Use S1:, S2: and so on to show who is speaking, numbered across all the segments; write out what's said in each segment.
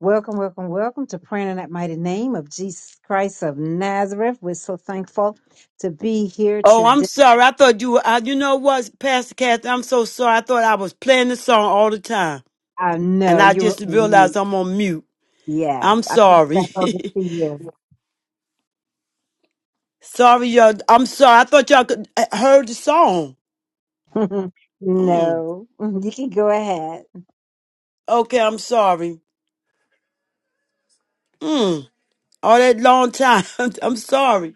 S1: Welcome, welcome, welcome to praying in that mighty name of Jesus Christ of Nazareth. We're so thankful to be here
S2: Oh, I'm
S1: today.
S2: sorry. I thought you. Uh, you know what, Pastor Kathy? I'm so sorry. I thought I was playing the song all the time,
S1: I
S2: and
S1: know
S2: I
S1: you were
S2: just
S1: on
S2: realized
S1: mute.
S2: I'm on mute.
S1: Yeah,
S2: I'm
S1: I picked it back
S2: sorry.
S1: over to you.
S2: sorry, y'all. I'm sorry. I thought y'all could uh, heard the song. Mm.
S1: no, you can go ahead.
S2: Okay, I'm sorry. Mm. All that long time. I'm sorry.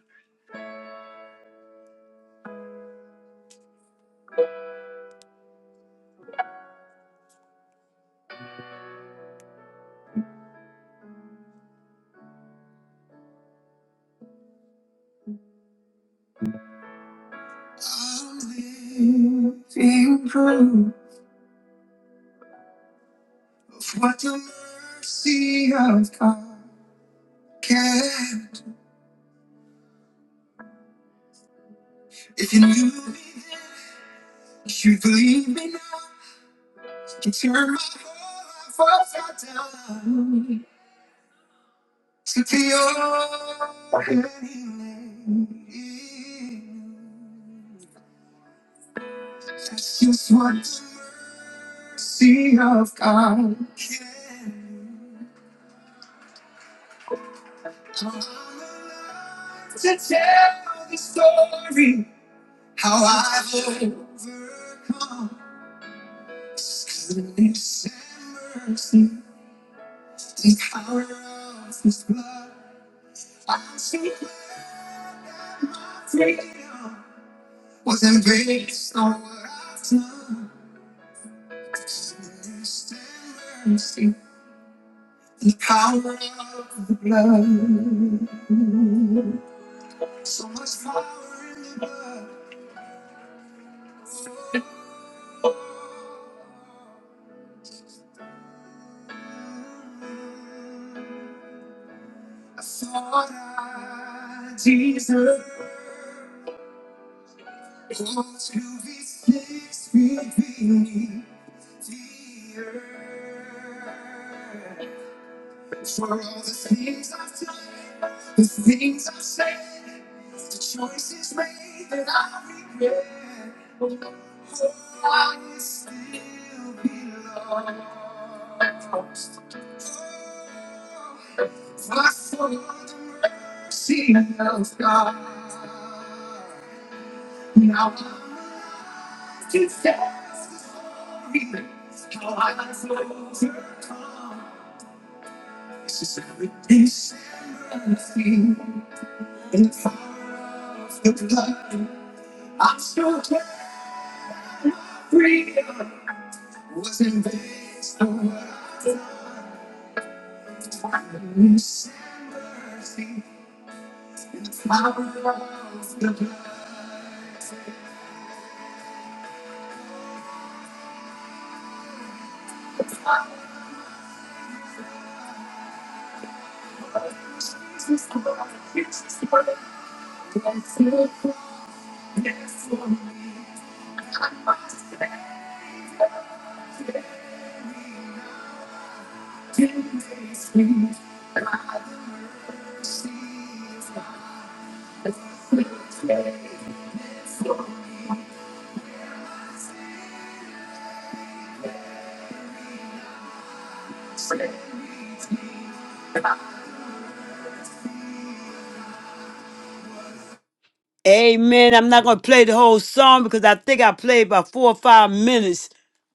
S2: Amen. I'm not going to play the whole song because I think I played about four or five minutes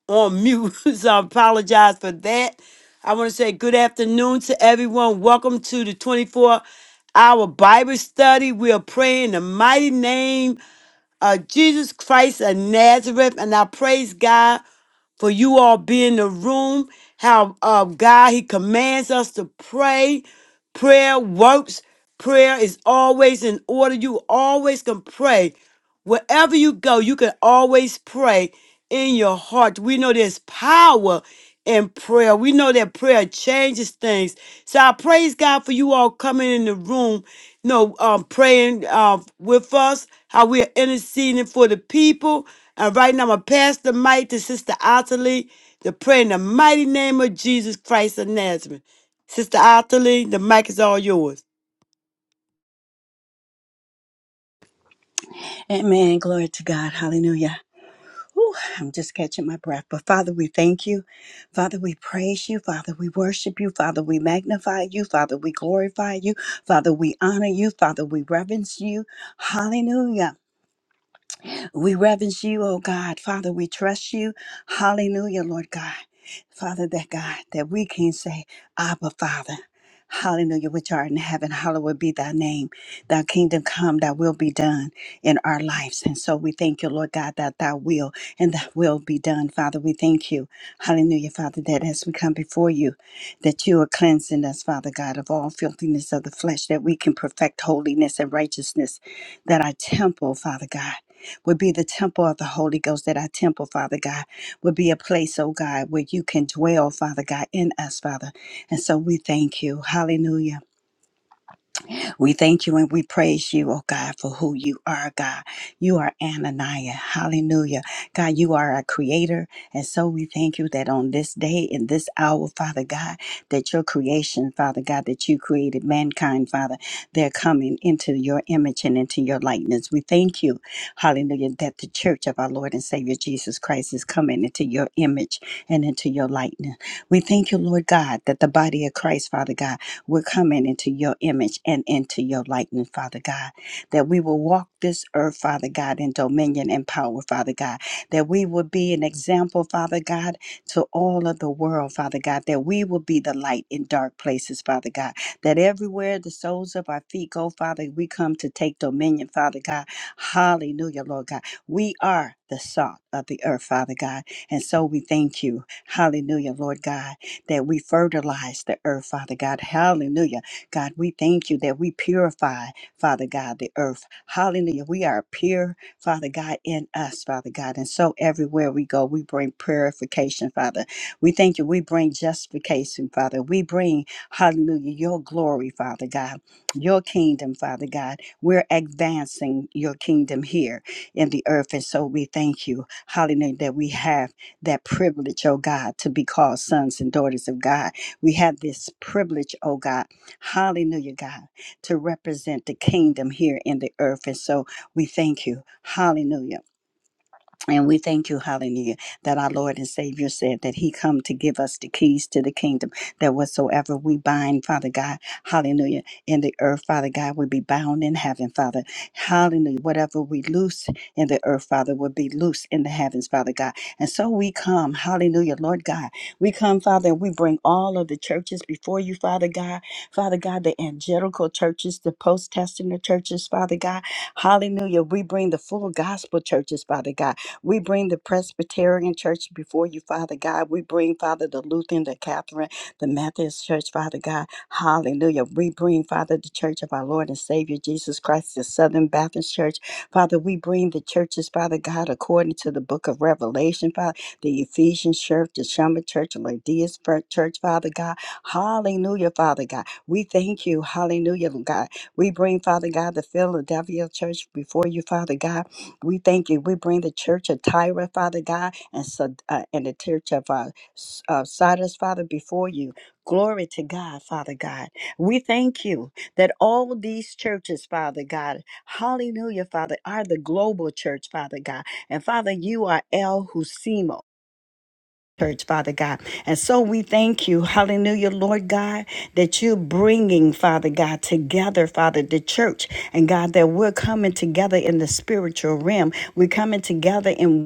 S2: on mute. So I apologize for that. I want to say good afternoon to everyone. Welcome to the 24 hour Bible study. We are praying in the mighty name of Jesus Christ of Nazareth. And I praise God for you all being in the room. How uh, God He commands us to pray. Prayer works. Prayer is always in order. You always can pray. Wherever you go, you can always pray in your heart. We know there's power in prayer. We know that prayer changes things. So I praise God for you all coming in the room, you know, um, praying uh, with us, how we are interceding for the people. And right now, I'm going to pass the mic to Sister Ottilie to pray in the mighty name of Jesus Christ of Nazareth. Sister Ottilie, the mic is all yours.
S3: Amen. Glory to God. Hallelujah. Whew, I'm just catching my breath. But Father, we thank you. Father, we praise you. Father, we worship you. Father, we magnify you. Father, we glorify you. Father, we honor you. Father, we reverence you. Hallelujah. We reverence you, oh God. Father, we trust you. Hallelujah, Lord God. Father, that God, that we can say, Abba, Father. Hallelujah, which art in heaven, hallowed be thy name. Thy kingdom come, thy will be done in our lives. And so we thank you, Lord God, that thy will and thy will be done. Father, we thank you. Hallelujah, Father, that as we come before you, that you are cleansing us, Father God, of all filthiness of the flesh, that we can perfect holiness and righteousness, that our temple, Father God, would be the temple of the Holy Ghost, that our temple, Father God, would be a place, oh God, where you can dwell, Father God, in us, Father. And so we thank you. Hallelujah. We thank you and we praise you, oh God, for who you are, God. You are Ananiah. Hallelujah. God, you are our creator. And so we thank you that on this day, in this hour, Father God, that your creation, Father God, that you created mankind, Father, they're coming into your image and into your likeness. We thank you, hallelujah, that the church of our Lord and Savior Jesus Christ is coming into your image and into your likeness. We thank you, Lord God, that the body of Christ, Father God, we're coming into your image and into your likeness, Father God. That we will walk this earth, Father God, in dominion and power, Father God. That we will be an example, Father God, to all of the world, Father God. That we will be the light in dark places, Father God. That everywhere the soles of our feet go, Father, we come to take dominion, Father God. Hallelujah, Lord God. We are the salt of the earth, Father God. And so we thank you. Hallelujah, Lord God that we fertilize the earth, Father God. Hallelujah. God, we thank you that we purify, Father God, the earth. Hallelujah. We are pure, Father God, in us, Father God. And so everywhere we go, we bring purification, Father. We thank you. We bring justification, Father. We bring, hallelujah, your glory, Father God, your kingdom, Father God. We're advancing your kingdom here in the earth. And so we thank you, hallelujah, that we have that privilege, oh God, to be called sons and daughters of God. We have this privilege, oh God, hallelujah, God, to represent the kingdom here in the earth. And so we thank you, hallelujah. And we thank you, hallelujah, that our Lord and Savior said that He come to give us the keys to the kingdom, that whatsoever we bind, Father God, hallelujah, in the earth, Father God, will be bound in heaven, Father. Hallelujah. Whatever we loose in the earth, Father, will be loose in the heavens, Father God. And so we come, hallelujah, Lord God. We come, Father, and we bring all of the churches before you, Father God. Father God, the angelical churches, the post-testament churches, Father God. Hallelujah. We bring the full gospel churches, Father God. We bring the Presbyterian Church before you, Father God. We bring, Father, the Lutheran, the Catherine, the Methodist Church, Father God. Hallelujah. We bring, Father, the Church of our Lord and Savior Jesus Christ, the Southern Baptist Church. Father, we bring the churches, Father God, according to the book of Revelation, Father, the Ephesian Church, the Shema Church, the Laodicean Fir- Church, Father God. Hallelujah, Father God. We thank you. Hallelujah, God. We bring, Father God, the Philadelphia Church before you, Father God. We thank you. We bring the church of Tyra, Father God, and, Sa- uh, and the church of uh, S- uh, Sardis, Father, before you. Glory to God, Father God. We thank you that all these churches, Father God, hallelujah, Father, are the global church, Father God. And Father, you are El Husimo church, Father God. And so we thank you, hallelujah, Lord God, that you're bringing, Father God, together, Father, the church. And God, that we're coming together in the spiritual realm. We're coming together in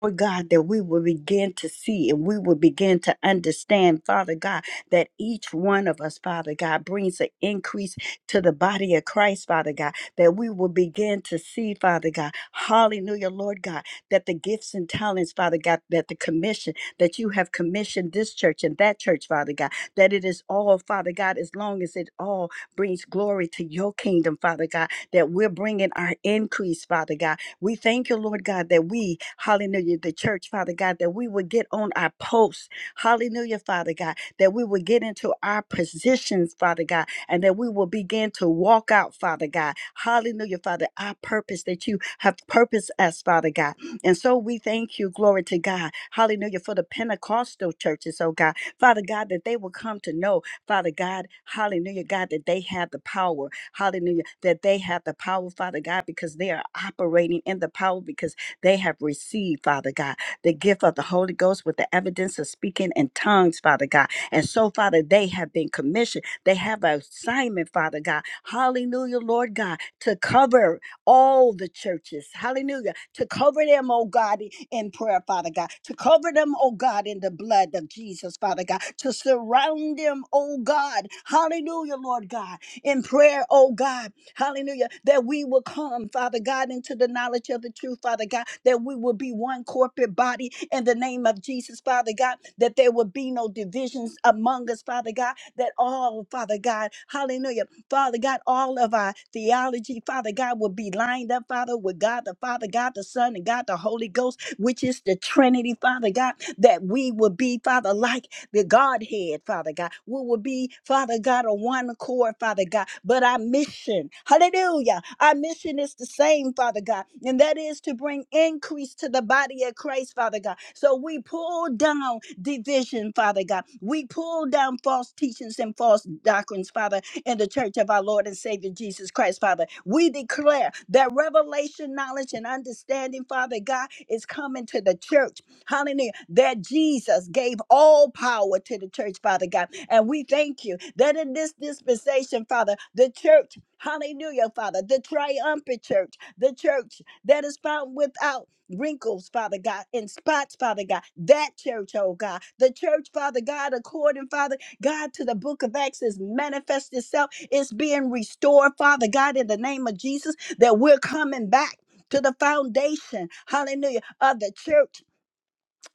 S3: Lord God, that we will begin to see and we will begin to understand, Father God, that each one of us, Father God, brings an increase to the body of Christ, Father God, that we will begin to see, Father God, hallelujah, Lord God, that the gifts and talents, Father God, that the commission, that you have commissioned this church and that church, Father God, that it is all, Father God, as long as it all brings glory to your kingdom, Father God, that we're bringing our increase, Father God, we thank you, Lord God, that we, hallelujah, the church, Father God, that we would get on our posts, hallelujah, Father God, that we would get into our positions, Father God, and that we will begin to walk out, Father God, hallelujah, Father, our purpose that you have purposed us, Father God. And so we thank you, glory to God, hallelujah, for the Pentecostal churches, oh God, Father God, that they will come to know, Father God, hallelujah, God, that they have the power. Hallelujah. That they have the power, Father God, because they are operating in the power because they have received, Father God, the gift of the Holy Ghost with the evidence of speaking in tongues, Father God. And so, Father, they have been commissioned. They have an assignment, Father God. Hallelujah, Lord God, to cover all the churches. Hallelujah. To cover them, oh God, in prayer, Father God. To cover them, oh God, in the blood of Jesus, Father God. To surround them, oh God. Hallelujah, Lord God in prayer, oh God, hallelujah, that we will come, Father God, into the knowledge of the truth, Father God, that we will be one corporate body in the name of Jesus, Father God, that there will be no divisions among us, Father God, that all, Father God, hallelujah, Father God, all of our theology, Father God, will be lined up, Father, with God the Father, God the Son, and God the Holy Ghost, which is the Trinity, Father God, that we will be, Father, like the Godhead, Father God. We will be, Father God, on one accord, Father God. But our mission, hallelujah, our mission is the same, Father God, and that is to bring increase to the body of Christ, Father God. So we pull down division, Father God. We pull down false teachings and false doctrines, Father, in the church of our Lord and Savior Jesus Christ, Father. We declare that revelation, knowledge, and understanding, Father God, is coming to the church. Hallelujah. That Jesus gave all power to the church, Father God. And we thank you that in this dispensation, Father, the church, hallelujah, Father, the triumphant church, the church that is found without wrinkles, Father God, and spots, Father God, that church, oh God, the church, Father God, according, Father God, to the book of Acts is manifest itself. It's being restored, Father God, in the name of Jesus, that we're coming back. To the foundation, hallelujah, of the church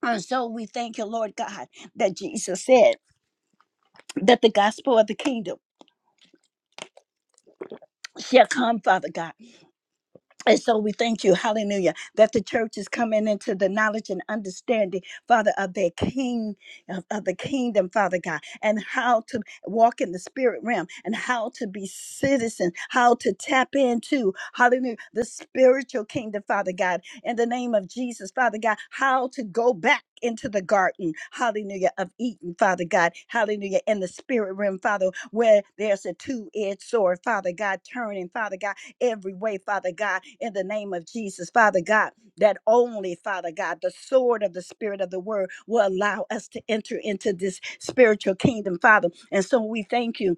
S3: and so we thank you, Lord God, that Jesus said that the gospel of the kingdom shall come, Father God. And so we thank you, hallelujah, that the church is coming into the knowledge and understanding, Father, of their king, of, of the kingdom, Father God, and how to walk in the spirit realm and how to be citizens, how to tap into, hallelujah, the spiritual kingdom, Father God, in the name of Jesus, Father God, how to go back. Into the garden, hallelujah, of Eden, Father God, hallelujah, in the spirit realm, Father, where there's a two edged sword, Father God, turning, Father God every way, Father God, in the name of Jesus, Father God, that only, Father God, the sword of the Spirit of the Word will allow us to enter into this spiritual kingdom, Father. And so we thank you.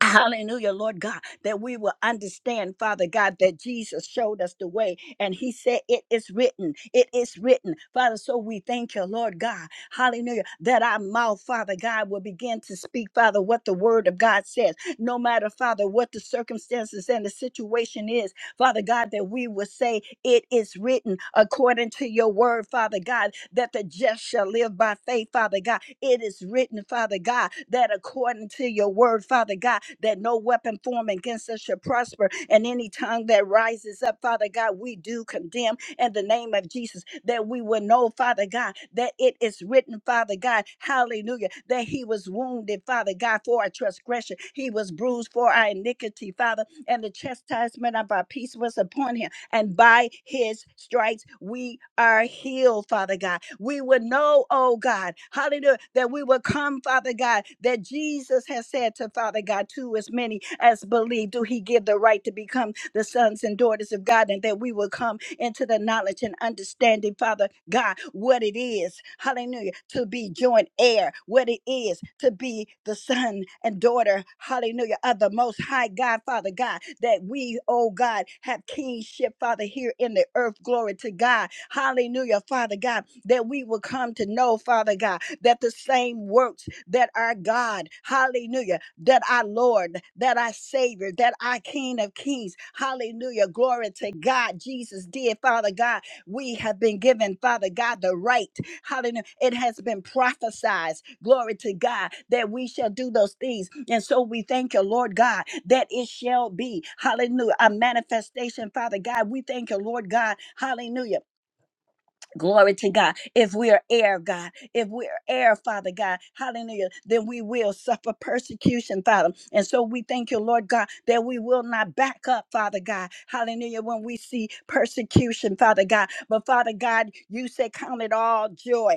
S3: Hallelujah, Lord God, that we will understand, Father God, that Jesus showed us the way and He said, It is written, it is written, Father. So we thank you, Lord God, hallelujah, that our mouth, Father God, will begin to speak, Father, what the Word of God says, no matter, Father, what the circumstances and the situation is. Father God, that we will say, It is written according to your word, Father God, that the just shall live by faith, Father God. It is written, Father God, that according to your word, Father God, that no weapon formed against us shall prosper, and any tongue that rises up, Father God, we do condemn in the name of Jesus, that we will know, Father God, that it is written, Father God, hallelujah, that he was wounded, Father God, for our transgression. He was bruised for our iniquity, Father and the chastisement of our peace was upon him. And by his stripes we are healed, Father God. We would know, oh God, hallelujah, that we will come, Father God, that Jesus has said to Father God, to as many as believe, do he give the right to become the sons and daughters of God, and that we will come into the knowledge and understanding, Father God, what it is, hallelujah, to be joint heir, what it is to be the son and daughter, hallelujah, of the Most High God, Father God, that we, oh God, have kingship, Father, here in the earth. Glory to God, hallelujah, Father God, that we will come to know, Father God, that the same works that our God, hallelujah, that our Lord, that our Savior, that our King of Kings. Hallelujah. Glory to God. Jesus did, Father God. We have been given, Father God, the right. Hallelujah. It has been prophesied. Glory to God that we shall do those things. And so we thank you, Lord God, that it shall be, hallelujah, a manifestation, Father God. We thank you, Lord God, hallelujah Glory to God. If we are heir, God, if we are heir, Father God, hallelujah, then we will suffer persecution, Father. And so we thank you, Lord God, that we will not back up, Father God, hallelujah, when we see persecution, Father God. But Father God, you say, Count it all joy.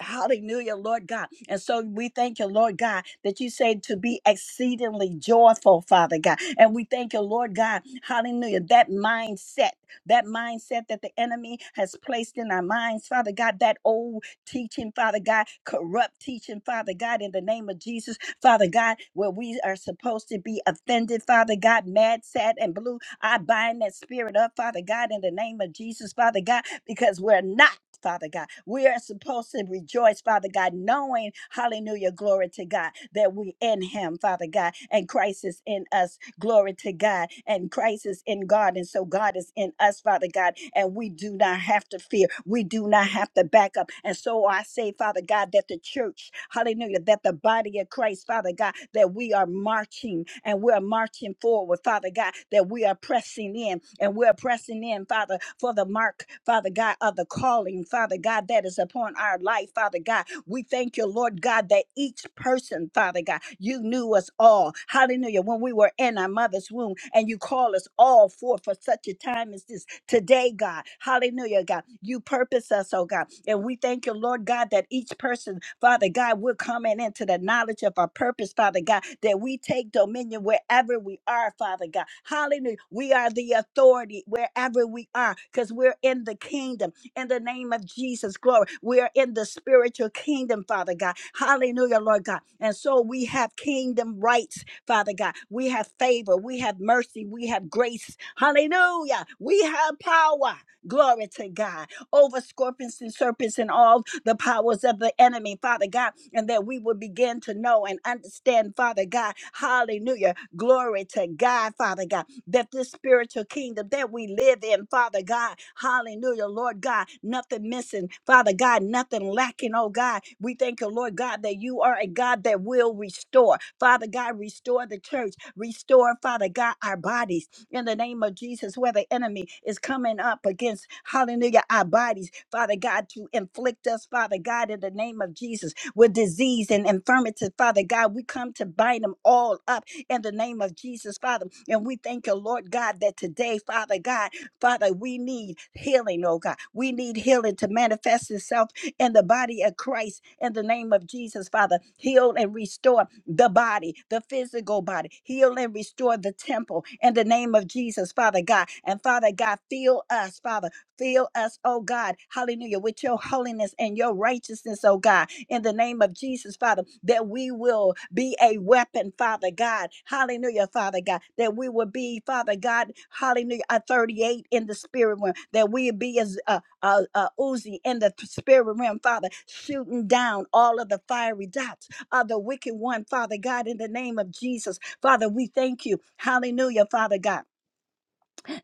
S3: Hallelujah, Lord God. And so we thank you, Lord God, that you say to be exceedingly joyful, Father God. And we thank you, Lord God, hallelujah, that mindset, that mindset that the enemy has placed in our minds, Father God, that old teaching, Father God, corrupt teaching, Father God, in the name of Jesus, Father God, where we are supposed to be offended, Father God, mad, sad, and blue. I bind that spirit up, Father God, in the name of Jesus, Father God, because we're not. Father God. We are supposed to rejoice, Father God, knowing, hallelujah, glory to God, that we in Him, Father God, and Christ is in us, glory to God, and Christ is in God, and so God is in us, Father God, and we do not have to fear, we do not have to back up. And so I say, Father God, that the church, hallelujah, that the body of Christ, Father God, that we are marching and we're marching forward, Father God, that we are pressing in and we're pressing in, Father, for the mark, Father God, of the calling, Father God, that is upon our life, Father God. We thank you, Lord God, that each person, Father God, you knew us all. Hallelujah. When we were in our mother's womb and you call us all forth for such a time as this today, God. Hallelujah, God. You purpose us, oh God. And we thank you, Lord God, that each person, Father God, we're coming into the knowledge of our purpose, Father God, that we take dominion wherever we are, Father God. Hallelujah. We are the authority wherever we are because we're in the kingdom in the name of Jesus. Glory. We are in the spiritual kingdom, Father God. Hallelujah, Lord God. And so we have kingdom rights Father God. We have favor, we have mercy, we have grace. Hallelujah. We have power. Glory to God over scorpions and serpents and all the powers of the enemy, Father God, and that we will begin to know and understand, Father God. Hallelujah. Glory to God, Father God that this spiritual kingdom that we live in, Father God, hallelujah, Lord God, nothing missing, Father God, nothing lacking, oh God. We thank you, Lord God, that you are a God that will restore. Father God, restore the church, restore, Father God, our bodies in the name of Jesus, where the enemy is coming up against, hallelujah, our bodies, Father God, to inflict us, Father God, in the name of Jesus, with disease and infirmity, Father God, we come to bind them all up in the name of Jesus, Father. And we thank you, Lord God, that today, Father God, Father, we need healing, oh God. We need healing to manifest itself in the body of Christ in the name of Jesus, Father. Heal and restore the body, the physical body. Heal and restore the temple in the name of Jesus, Father God. And Father God, fill us, Father. Fill us, oh God, hallelujah, with your holiness and your righteousness, oh God in the name of Jesus, Father, that we will be a weapon, Father God. Hallelujah, Father God. That we will be, Father God, hallelujah, a 38 in the spirit realm. That we be as a, a, a Uzi in the spirit realm, Father, shooting down all of the fiery dots of the wicked one, Father God, in the name of Jesus. Father, we thank you. Hallelujah, Father God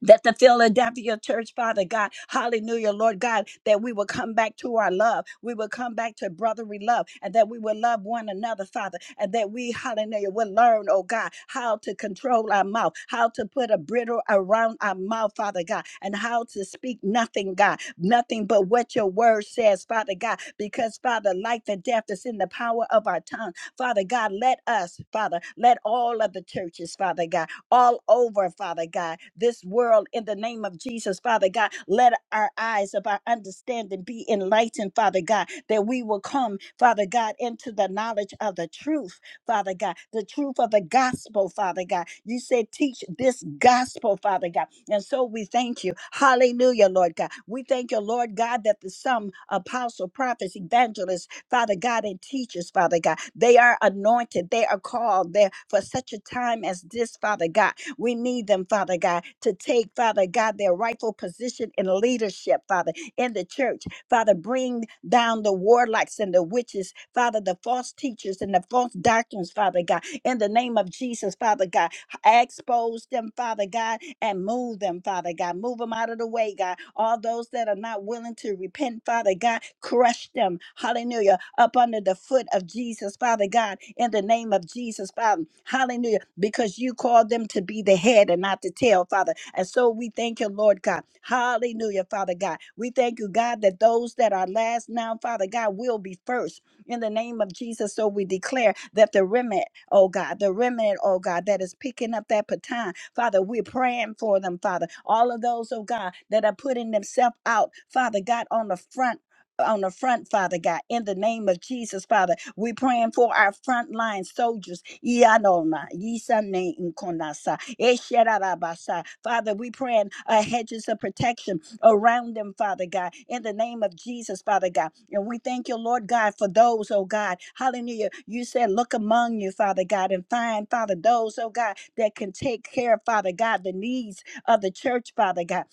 S3: that the Philadelphia church, Father God, hallelujah, Lord God, that we will come back to our love. We will come back to brotherly love and that we will love one another, Father, and that we, hallelujah, will learn, oh God, how to control our mouth, how to put a bridle around our mouth, Father God, and how to speak nothing, God, nothing but what your word says, Father God, because, Father, life and death is in the power of our tongue. Father God, let us, Father, let all of the churches, Father God, all over, Father God, this world in the name of Jesus, Father God. Let our eyes of our understanding be enlightened, Father God, that we will come, Father God, into the knowledge of the truth, Father God, the truth of the gospel, Father God. You said, teach this gospel, Father God. And so we thank you. Hallelujah, Lord God. We thank you, Lord God, that the some apostle, prophets, evangelists, Father God, and teachers, Father God. They are anointed, they are called there for such a time as this, Father God. We need them, Father God, to take, Father God, their rightful position in leadership, Father, in the church. Father, bring down the warlocks and the witches, Father, the false teachers and the false doctrines, Father God, in the name of Jesus, Father God. Expose them, Father God, and move them, Father God. Move them out of the way, God. All those that are not willing to repent, Father God, crush them, hallelujah, up under the foot of Jesus, Father God, in the name of Jesus, Father, hallelujah, because you called them to be the head and not the tail, Father. And so we thank you, Lord God, hallelujah, Father God. We thank you, God, that those that are last now, Father God, will be first in the name of Jesus. So we declare that the remnant oh God, the remnant, oh God, that is picking up that baton. Father, we're praying for them, Father. All of those, oh God, that are putting themselves out, Father God, on the front on the front, Father God, in the name of Jesus, Father. We're praying for our frontline soldiers. Iyanona, Yisane Nkonasa, Esherarabasa. Father, we praying uh, hedges of protection around them, Father God, in the name of Jesus, Father God. And we thank you, Lord God, for those, oh God. Hallelujah. You said, look among you, Father God, and find, Father, those, oh God, that can take care, Father God, the needs of the church, Father God.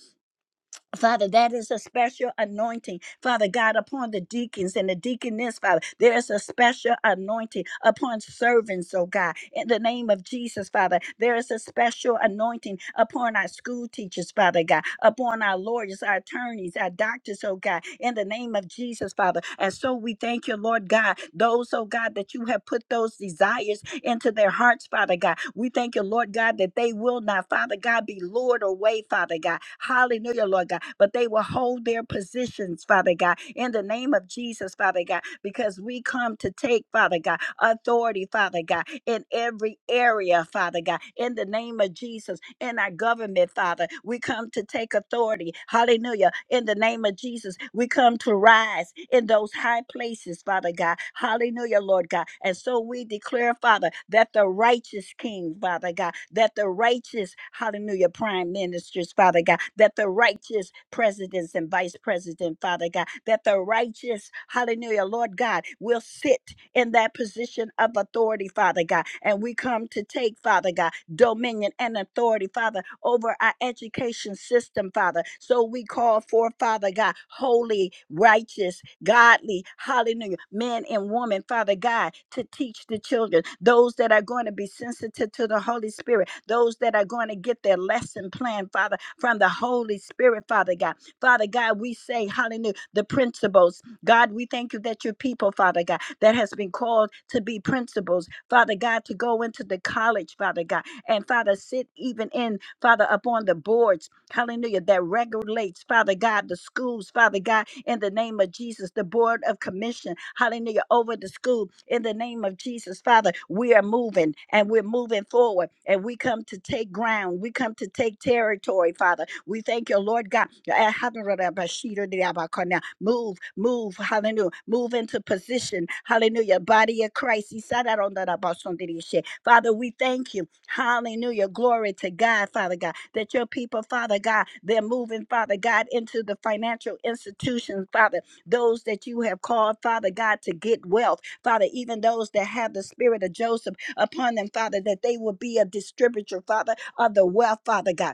S3: Father, that is a special anointing. Father God, upon the deacons and the deaconess, Father, there is a special anointing upon servants, oh God. In the name of Jesus, Father, there is a special anointing upon our school teachers, Father God, upon our lawyers, our attorneys, our doctors, oh God. In the name of Jesus, Father. And so we thank you, Lord God, those, oh God, that you have put those desires into their hearts, Father God. We thank you, Lord God, that they will not, Father God, be lured away, Father God. Hallelujah, Lord God. But they will hold their positions, Father God, in the name of Jesus, Father God, because we come to take, Father God, authority, Father God, in every area, Father God, in the name of Jesus, in our government, Father. We come to take authority, hallelujah, in the name of Jesus Jesus, we come to rise in those high places, Father God. Hallelujah, Lord God. And so we declare, Father, that the righteous King, Father God, that the righteous, hallelujah, prime ministers, Father God, that the righteous presidents and vice president, Father God, that the righteous, hallelujah, Lord God, will sit in that position of authority, Father God. And we come to take, Father God dominion, and authority, Father, over our education system, Father. So we call for, Father God, holy, righteous, godly, hallelujah, men and women, Father God, to teach the children, those that are going to be sensitive to the Holy Spirit, those that are going to get their lesson plan, Father, from the Holy Spirit, Father God. Father God, we say, hallelujah, the principles. God, we thank you that your people, Father God, that has been called to be principals, Father God, to go into the college, Father God. And Father, sit even in, Father, upon the boards, hallelujah, that regulates, Father God, the schools, Father God, in the name of Jesus, the board of commission, hallelujah, over the school, in the name of Jesus, Father, we are moving and we're moving forward and we come to take ground. We come to take territory, Father. We thank you, Lord God. Move, move, hallelujah. Move into position, hallelujah. Body of Christ. Father, we thank you, hallelujah. Glory to God, Father God, that your people, Father God, they're moving, Father God, into the financial institutions, Father, those that you have called, Father God, to get wealth, Father, even those that have the spirit of Joseph upon them, Father, that they will be a distributor, Father, of the wealth, Father God.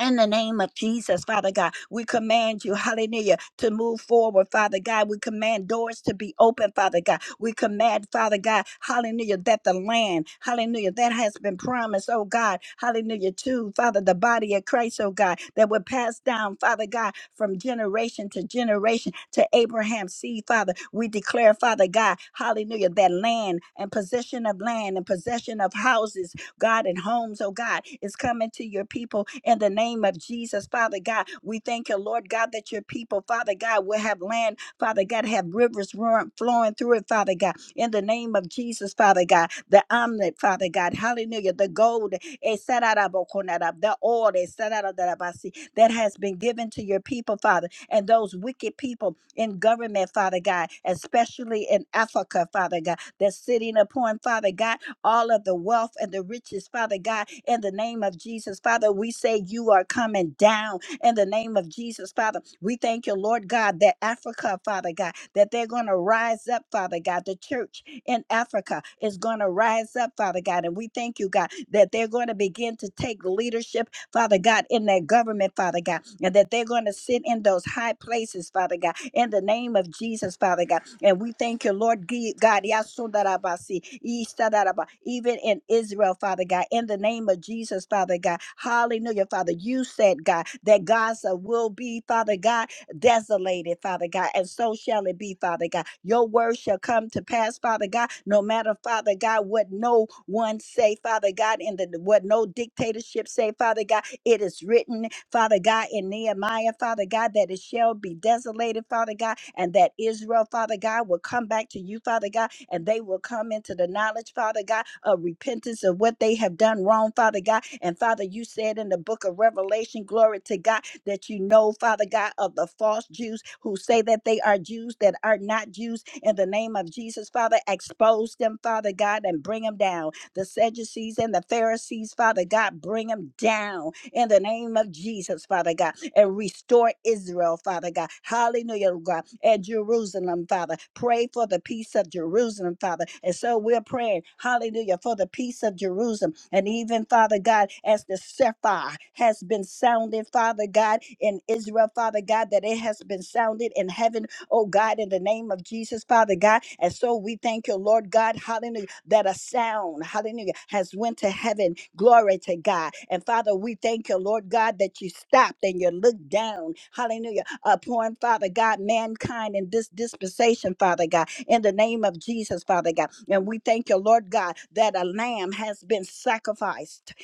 S3: In the name of Jesus, Father God, we command you, hallelujah, to move forward, Father God. We command doors to be open, Father God. We command, Father God, hallelujah, that the land, hallelujah, that has been promised, oh God, hallelujah, to Father, the body of Christ, oh God, that would pass down, Father God, from generation to generation to Abraham's seed, Father. We declare, Father God, hallelujah, that land and possession of land and possession of houses God, and homes, oh God, is coming to your people in the name of Jesus, Father God. We thank you, Lord God, that your people, Father God, will have land, Father God, have rivers run, flowing through it, Father God, in the name of Jesus, Father God, the omelet, Father God, hallelujah, the gold, eh, sararabokonara, the oil, eh, sararadarabasi, that has been given to your people, Father, and those wicked people in government, Father God, especially in Africa, Father God, that's sitting upon, Father God all of the wealth and the riches, Father God, in the name of Jesus. Father, we say you are coming down in the name of Jesus, Father. We thank you, Lord God, that Africa, Father God, that they're going to rise up, Father God. The church in Africa is going to rise up, Father God. And we thank you, God, that they're going to begin to take leadership Father God, in their government, Father God, and that they're going to sit in those high places, Father God, in the name of Jesus, Father God. And we thank you, Lord G- God, Yasundarabasi, Isadaraba, even in Israel, Father God, in the name of Jesus, Father God. Hallelujah, Father. You said, God, that Gaza will be, Father God, desolated, Father God, and so shall it be, Father God. Your word shall come to pass, Father God, no matter, Father God, what no one say, Father God, and the, what no dictatorship say, Father God it is written, Father God, in Nehemiah, Father God, that it shall be desolated, Father God, and that Israel, Father God, will come back to you, Father God, and they will come into the knowledge, Father God, of repentance of what they have done wrong, Father God. And Father, you said in the book of Revelation, glory to God, that you know, Father God, of the false Jews who say that they are Jews that are not Jews. In the name of Jesus, Father, expose them, Father God, and bring them down. The Sadducees and the Pharisees, Father God, bring them down in the name of Jesus, Father God, and restore Israel, Father God. Hallelujah, Lord God, and Jerusalem, Father. Pray for the peace of Jerusalem, Father. And so we're praying, hallelujah, for the peace of Jerusalem. And even, Father God, as the Sephir has been sounded, Father God, in Israel, Father God, that it has been sounded in heaven oh God, in the name of Jesus, Father God. And so we thank you, Lord God, hallelujah, that a sound, hallelujah, has went to heaven. Glory to God. And Father, we thank you, Lord God, that you stopped and you looked down, hallelujah, upon Father God, mankind in this dispensation, Father God, in the name of Jesus, Father God. And we thank you, Lord God, that a lamb has been sacrificed.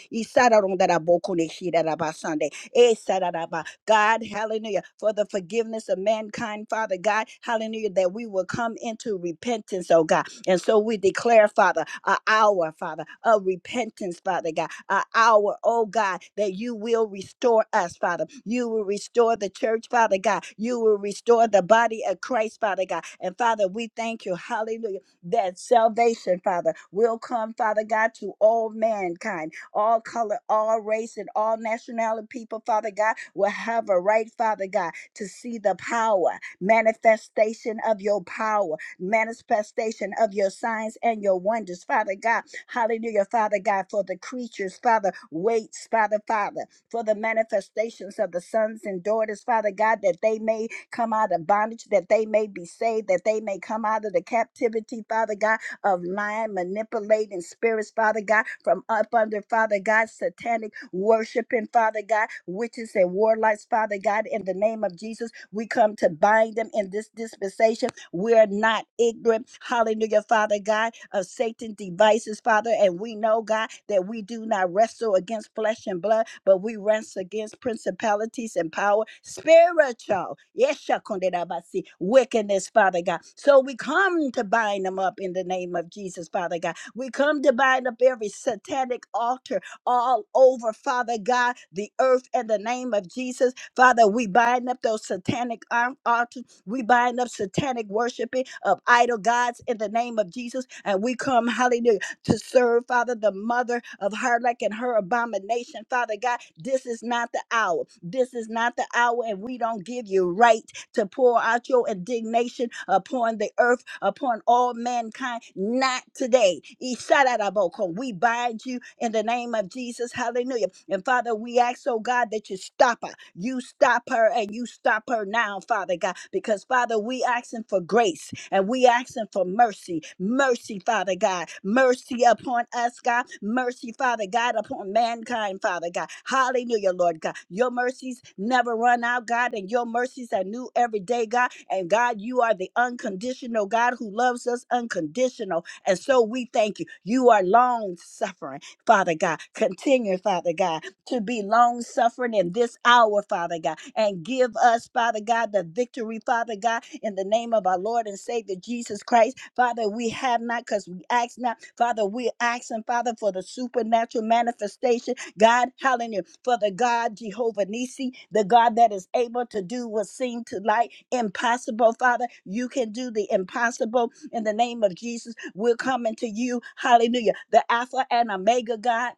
S3: Eh, sararaba. God, hallelujah, for the forgiveness of mankind, Father God, hallelujah, that we will come into repentance, oh God. And so we declare, Father, a hour, Father, of repentance, Father God, a hour, oh God, that you will restore us, Father. You will restore the church, Father God. You will restore the body of Christ, Father God. And Father, we thank you, hallelujah, that salvation, Father, will come, Father God, to all mankind all color, all race, and all nationality people, Father God, will have a right, Father God, to see the power, manifestation of your power, manifestation of your signs and your wonders, Father God. Hallelujah, Father God, for the creatures, Father, waits, Father, Father, for the manifestations of the sons and daughters, Father God, that they may come out of bondage, that they may be saved, that they may come out of the captivity, Father God of lying, manipulating spirits, Father God, from up under, Father God, satanic worshiping, Father God, witches and warlocks, Father God, in the name of Jesus, we come to bind them in this dispensation. We're not ignorant, hallelujah, Father God, of of Satan's devices, Father. And we know, God, that we do not wrestle against flesh and blood, but we wrestle against principalities and power, spiritual, yes, shakundirabasi, wickedness, Father God. So we come to bind them up in the name of Jesus, Father God. We come to bind up every satanic altar all over, Father God, the earth in the name of Jesus. Father, we bind up those satanic al- altars we bind up satanic worshiping of idol gods in the name of Jesus. And we come, hallelujah, to serve, Father, the mother of Harlech and her abomination. Father God, this is not the hour. This is not the hour, and we don't give you right to pour out your indignation upon the earth, upon all mankind. Not today. Isharaboko. We bind you in the name of Jesus. Hallelujah. And Father, we ask, oh God, that you stop her. You stop her and you stop her now, Father God, because Father, we asking for grace grace. And we asking for mercy, mercy, Father God, mercy upon us, God, mercy, Father God, upon mankind, Father God. Hallelujah, Lord God. Your mercies never run out, God, and your mercies are new every day, God. And God, you are the unconditional God who loves us unconditional. And so we thank you. You are long suffering, Father God. Continue, Father God to be long suffering in this hour, Father God, and give us, Father God, the victory, Father God, in the name of our Lord and Savior Jesus Christ. Father, we have not because we ask not. Father, we're asking, Father, for the supernatural manifestation. God, hallelujah, for the God Jehovah Nisi, the God that is able to do what seemed to like impossible, Father. You can do the impossible in the name of Jesus. We're coming to you, hallelujah, the Alpha and Omega God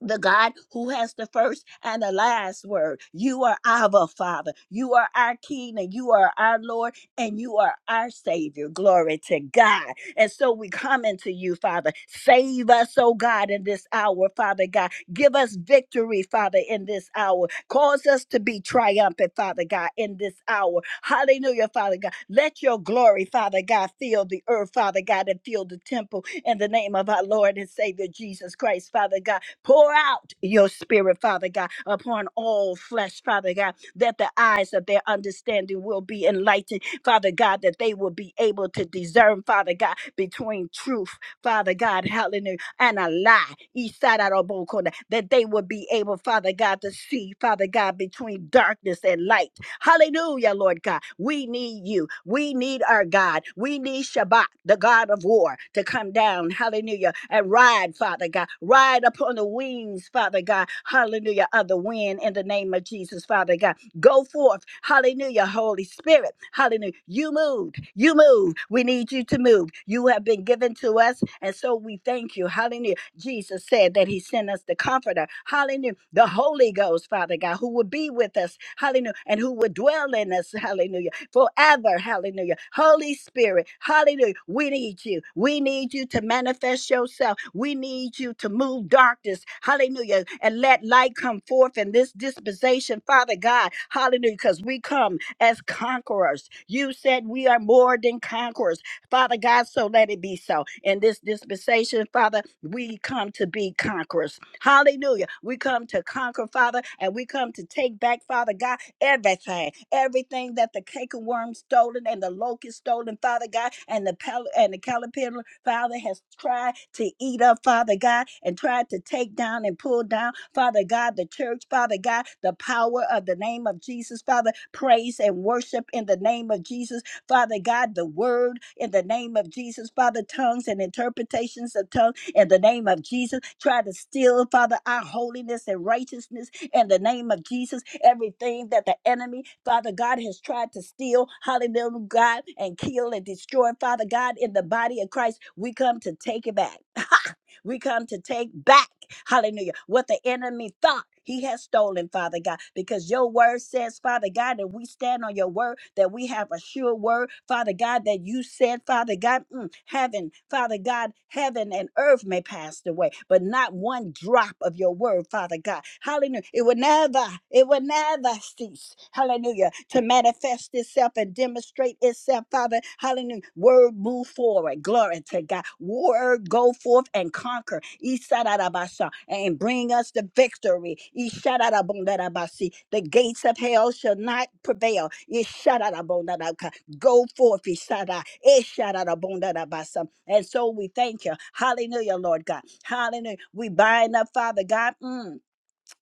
S3: the God who has the first and the last word. You are Abba, Father. You are our King and you are our Lord and you are our Savior. Glory to God. And so we come into you, Father. Save us, oh God, in this hour, Father God. Give us victory, Father, in this hour. Cause us to be triumphant, Father God, in this hour. Hallelujah, Father God. Let your glory, Father God, fill the earth, Father God, and fill the temple in the name of our Lord and Savior Jesus Christ, Father God. Pour out your spirit, Father God, upon all flesh, Father God, that the eyes of their understanding will be enlightened, Father God, that they will be able to discern, Father God, between truth, Father God, hallelujah, and a lie, Isarabokona, that they will be able, Father God, to see, Father God, between darkness and light. Hallelujah, Lord God. We need you. We need our God. We need Shabbat, the God of war, to come down. Hallelujah. And ride, Father God. Ride upon the wings, Father God. Hallelujah. Of the wind in the name of Jesus, Father God. Go forth. Hallelujah. Holy Spirit. Hallelujah. You moved. You move. We need you to move. You have been given to us. And so we thank you. Hallelujah. Jesus said that he sent us the comforter. Hallelujah. The Holy Ghost, Father God, who will be with us. Hallelujah. And who who would dwell in us, hallelujah, forever, hallelujah. Holy Spirit, hallelujah, we need you. We need you to manifest yourself. We need you to move darkness, hallelujah, and let light come forth in this dispensation, Father God, hallelujah, because we come as conquerors. You said we are more than conquerors, Father God, so let it be so. In this dispensation, Father, we come to be conquerors. Hallelujah. We come to conquer, Father, and we come to take back, Father God, everything, everything that the canker worm stolen and the locust stolen, Father God, and the pal- and the caterpillar, Father, has tried to eat up, Father God, and tried to take down and pull down, Father God, the church, Father God, the power of the name of Jesus, Father, praise and worship in the name of Jesus, Father God, the word in the name of Jesus, Father, tongues and interpretations of tongues in the name of Jesus, try to steal, Father, our holiness and righteousness in the name of Jesus. Everything that the enemy, Father God, has tried to steal, hallelujah, God, and kill and destroy, Father God, in the body of Christ, we come to take it back. we come to take back hallelujah, what the enemy thought he has stolen, Father God, because your word says, Father God, that we stand on your word, that we have a sure word, Father God, that you said, Father God, mm, heaven, Father God, heaven and earth may pass away, but not one drop of your word, Father God. Hallelujah. It would never, it would never never hallelujah, to manifest itself and demonstrate itself, Father, hallelujah. Word move forward, glory to God. Word go forth and conquer, Isarabasha, and bring us the victory, Isharabondarabashi. The gates of hell shall not prevail, Isharabondarabaka. Go forth, Isara, Isharabondarabasa. And so we thank you, hallelujah, Lord God, hallelujah. We bind up, Father God. mm,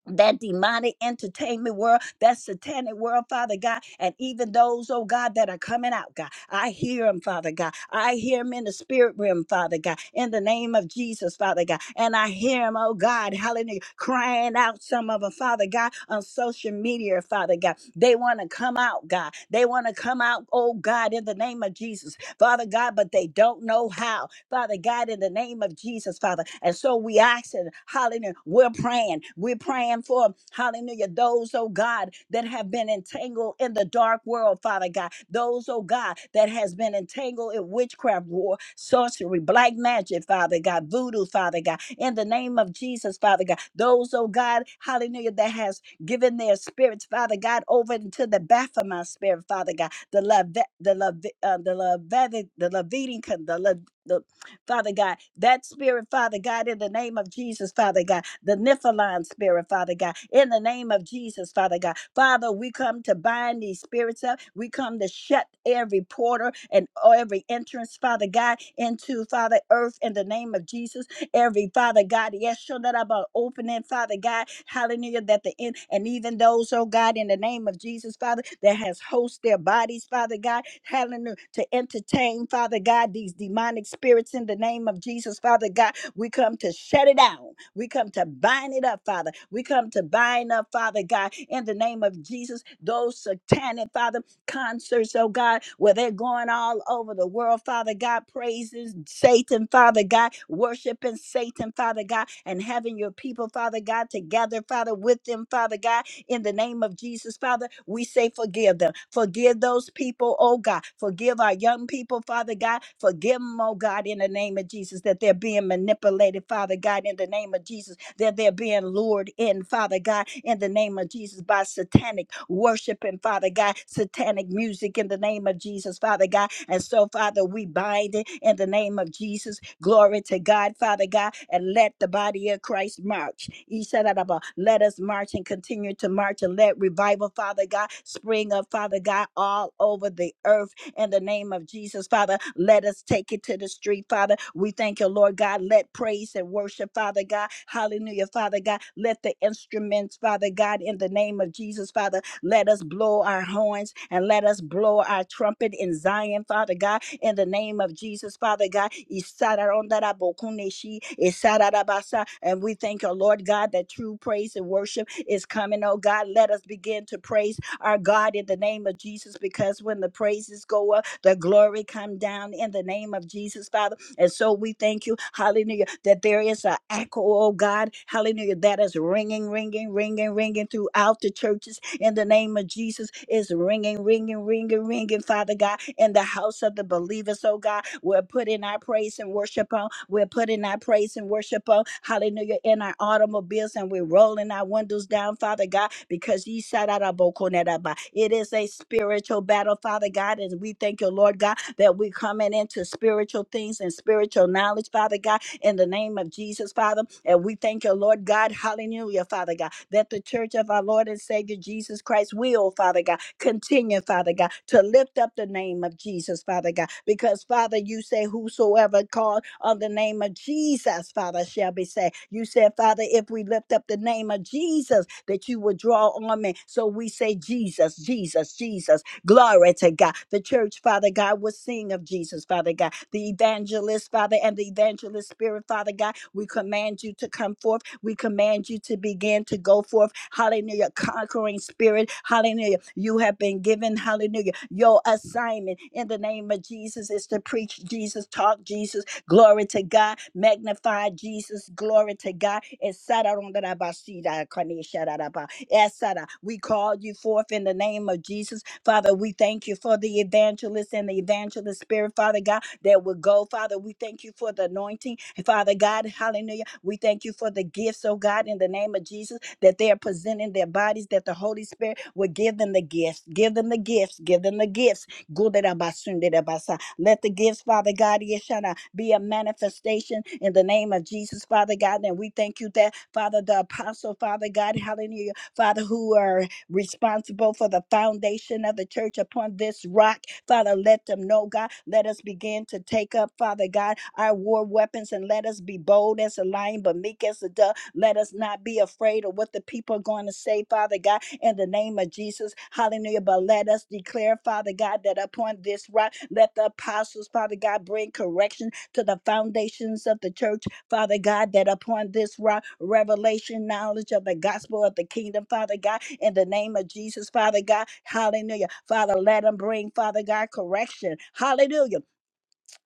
S3: that demonic entertainment world, that satanic world, Father God, and even those, oh God, that are coming out, God. I hear them, Father God. I hear them in the spirit realm, Father God, in the name of Jesus, Father God. And I hear them, oh God, hallelujah, crying out some of them, Father God, on social media, Father God. They want to come out, God. They want to come out, oh God, in the name of Jesus. Father God, but they don't know how. Father God, in the name of Jesus, Father. And so we ask it, hallelujah. We're praying. We're praying for, hallelujah, those, oh God, that have been entangled in the dark world, Father God. Those, oh God, that has been entangled in witchcraft, war, sorcery, black magic, Father God, voodoo, Father God. In the name of Jesus, Father God. Those, oh God, hallelujah, that has given their spirits, Father God, over into the Baphomet spirit, Father God the love the love uh, the love the Levitan con- the Le- the Father God, that spirit, Father God, in the name of Jesus, Father God, the Nephilim spirit, Father God, in the name of Jesus, Father God. Father, we come to bind these spirits up. We come to shut every porter and every entrance, Father God, into Father Earth in the name of Jesus every Father God. Yes, show that about opening, Father God. Hallelujah. That the end and even those, oh God, in the name of Jesus, Father, that has host their bodies, Father God. Hallelujah. To entertain, Father God, these demonic spirits in the name of Jesus, Father God. We come to shut it down. We come to bind it up, Father. We come to bind up, Father God, in the name of Jesus, those satanic, Father concerts, oh God, where they're going all over the world, Father God, praises Satan, Father God, worshiping Satan, Father God, and having your people, Father God, together, Father, with them, Father God, in the name of Jesus, Father. We say, forgive them. Forgive those people, oh God. Forgive our young people, Father God. Forgive them, oh God, in the name of Jesus, that they're being manipulated, Father God, in the name of Jesus, that they're being lured in, Father God, in the name of Jesus, by satanic worship and Father God, satanic music in the name of Jesus, Father God. And so, Father, we bind it in the name of Jesus. Glory to God, Father God, and let the body of Christ march. He said, that about, Let us march and continue to march and let revival, Father God, spring up, Father God, all over the earth in the name of Jesus, Father. Let us take it to the street, Father. We thank you, Lord God. Let praise and worship, Father God. Hallelujah, Father God. Let the instruments, Father God, in the name of Jesus, Father, let us blow our horns and let us blow our trumpet in Zion, Father God in the name of Jesus, Father God. Isararondarabokuneshi, isararabasa. And we thank you, Lord God, that true praise and worship is coming, oh God. Let us begin to praise our God in the name of Jesus because when the praises go up, the glory come down in the name of Jesus, Father. And so we thank you, hallelujah, that there is an echo, oh God, hallelujah, that is ringing, ringing, ringing, ringing throughout the churches in the name of Jesus. It's ringing, ringing, ringing, ringing, Father God, in the house of the believers, oh God. We're putting our praise and worship worship on. We're putting our praise and worship on. Hallelujah. In our automobiles and we're rolling our windows down, Father God, because ye shout out about It is a spiritual battle, Father God. And we thank you, Lord God, that we're coming into spiritual things and spiritual knowledge, Father God in the name of Jesus, Father. And we thank you, Lord God, hallelujah, Father God, that the church of our Lord and Savior Jesus Christ will, Father God, continue, Father God, to lift up the name of Jesus, Father God, because, Father, you say, Whosoever called on the name of Jesus, Father, shall be saved. You said, Father, if we lift up the name of Jesus, that you will draw on me. So we say, Jesus, Jesus, Jesus. Glory to God. The church, Father God, will sing of Jesus, Father God. The evangelist, Father, and the evangelist spirit, Father God, we command you to come forth. We command you to begin to go forth. Hallelujah. Conquering spirit. Hallelujah. You have been given, hallelujah. Your assignment in the name of Jesus is to preach Jesus, talk Jesus, glory to God, magnify Jesus, glory to God. Esararondarabasidakanishararaba. Esara. We call you forth in the name of Jesus. Father, we thank you for the evangelist and the evangelist spirit, Father God, that will go. Father, we thank you for the anointing. And Father God, hallelujah. We thank you for the gifts, oh God, in the name of Jesus, that they are presenting their bodies, that the Holy Spirit will give them the gifts. Give them the gifts. Give them the gifts. Gudarabasundidabasa. Let the gifts, Father God, yeshana, be a manifestation in the name of Jesus, Father God. And we thank you that, Father, the apostle, Father God, hallelujah, Father, who are responsible for the foundation of the church upon this rock. Father, let them know, God. Let us begin to take up, Father God, our war weapons and let us be bold as a lion, but meek as a dove. Let us not be afraid of what the people are going to say, Father God, in the name of Jesus. Hallelujah. But let us declare, Father God, that upon this rock, let the apostles, Father God, bring correction to the foundations of the church, Father God, that upon this rock, revelation, knowledge of the gospel of the kingdom, Father God in the name of Jesus, Father God. Hallelujah. Father, let them bring, Father God, correction. Hallelujah.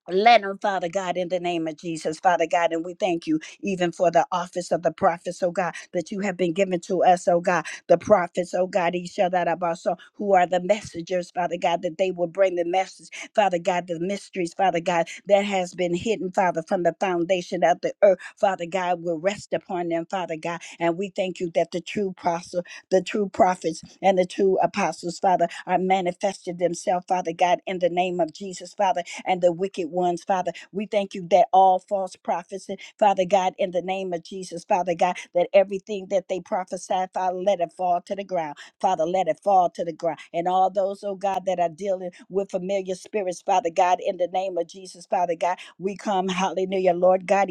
S3: Let them, Father God, in the name of Jesus, Father God, and we thank you even for the office of the prophets, oh God, that you have been given to us, oh God, the prophets, oh God, Ishadarabaso, who are the messengers, Father God, that they will bring the message, Father God, the mysteries, Father God, that has been hidden, Father, from the foundation of the earth, Father God, will rest upon them, Father God, and we thank you that the true apostle the true prophets and the true apostles, Father, are manifested themselves, Father God, in the name of Jesus, Father, and the wicked ones, Father. We thank you that all false prophets, Father God, in the name of Jesus, Father God, that everything that they prophesy, Father, let it fall to the ground. Father, let it fall to the ground. And all those, oh God, that are dealing with familiar spirits, Father God, in the name of Jesus, Father God, we come, hallelujah, Lord God,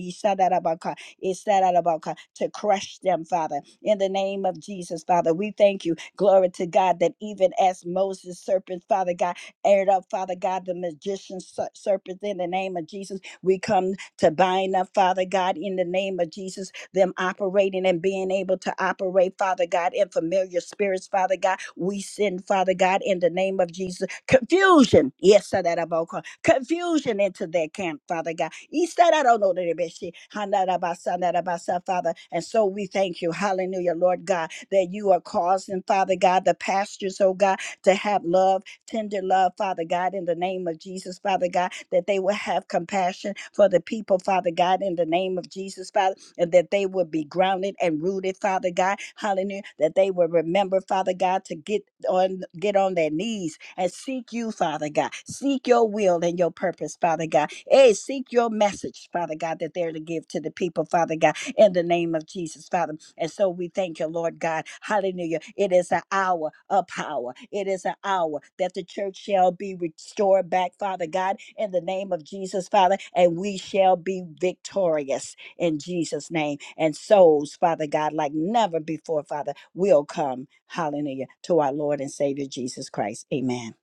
S3: it's that out about our to crush them, Father. In the name of Jesus, Father, we thank you. Glory to God that even as Moses serpent, Father God, aired up, Father God, the magician ser- serpent in the name of Jesus, we come to bind up, Father God, in the name of Jesus them operating and being able to operate, Father God, in familiar spirits, Father God. We send, Father God, in the name of Jesus, confusion. Yes, I that about confusion into their camp, Father God. He said, I don't know that it be she. Hana da ba sa, na da ba Father. And so we thank you, hallelujah, Lord God, that you are causing, Father God, the pastors, oh God, to have love, tender love, Father God, in the name of Jesus, Father God, that they will have compassion for the people, Father God, in the name of Jesus, Father and that they would be grounded and rooted, Father God. Hallelujah. That they would remember, Father God, to get on get on their knees and seek you, Father God. Seek your will and your purpose, Father God. Hey, seek your message, Father God, that they're to give to the people, Father God, in the name of Jesus, Father. And so we thank you, Lord God. Hallelujah. It is an hour of power. It is an hour that the church shall be restored back, Father God, in the name of Jesus, Father, and we shall be victorious in Jesus' name. And souls, Father God, like never before, Father, will come, hallelujah, to our Lord and Savior Jesus Christ. Amen.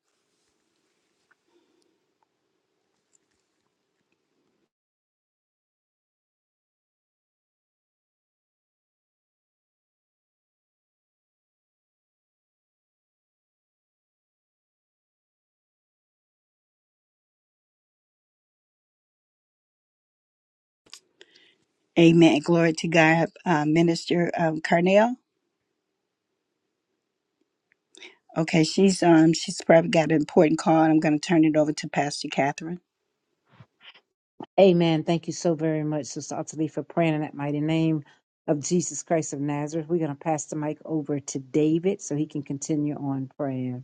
S3: Amen. Glory to God. Uh, Minister um, Carnell. Okay, she's um she's probably got an important call, and I'm going to turn it over to Pastor Catherine.
S1: Amen. Thank you so very much, Sister Ottilie, for praying in that mighty name of Jesus Christ of Nazareth. We're going to pass the mic over to David so he can continue on praying.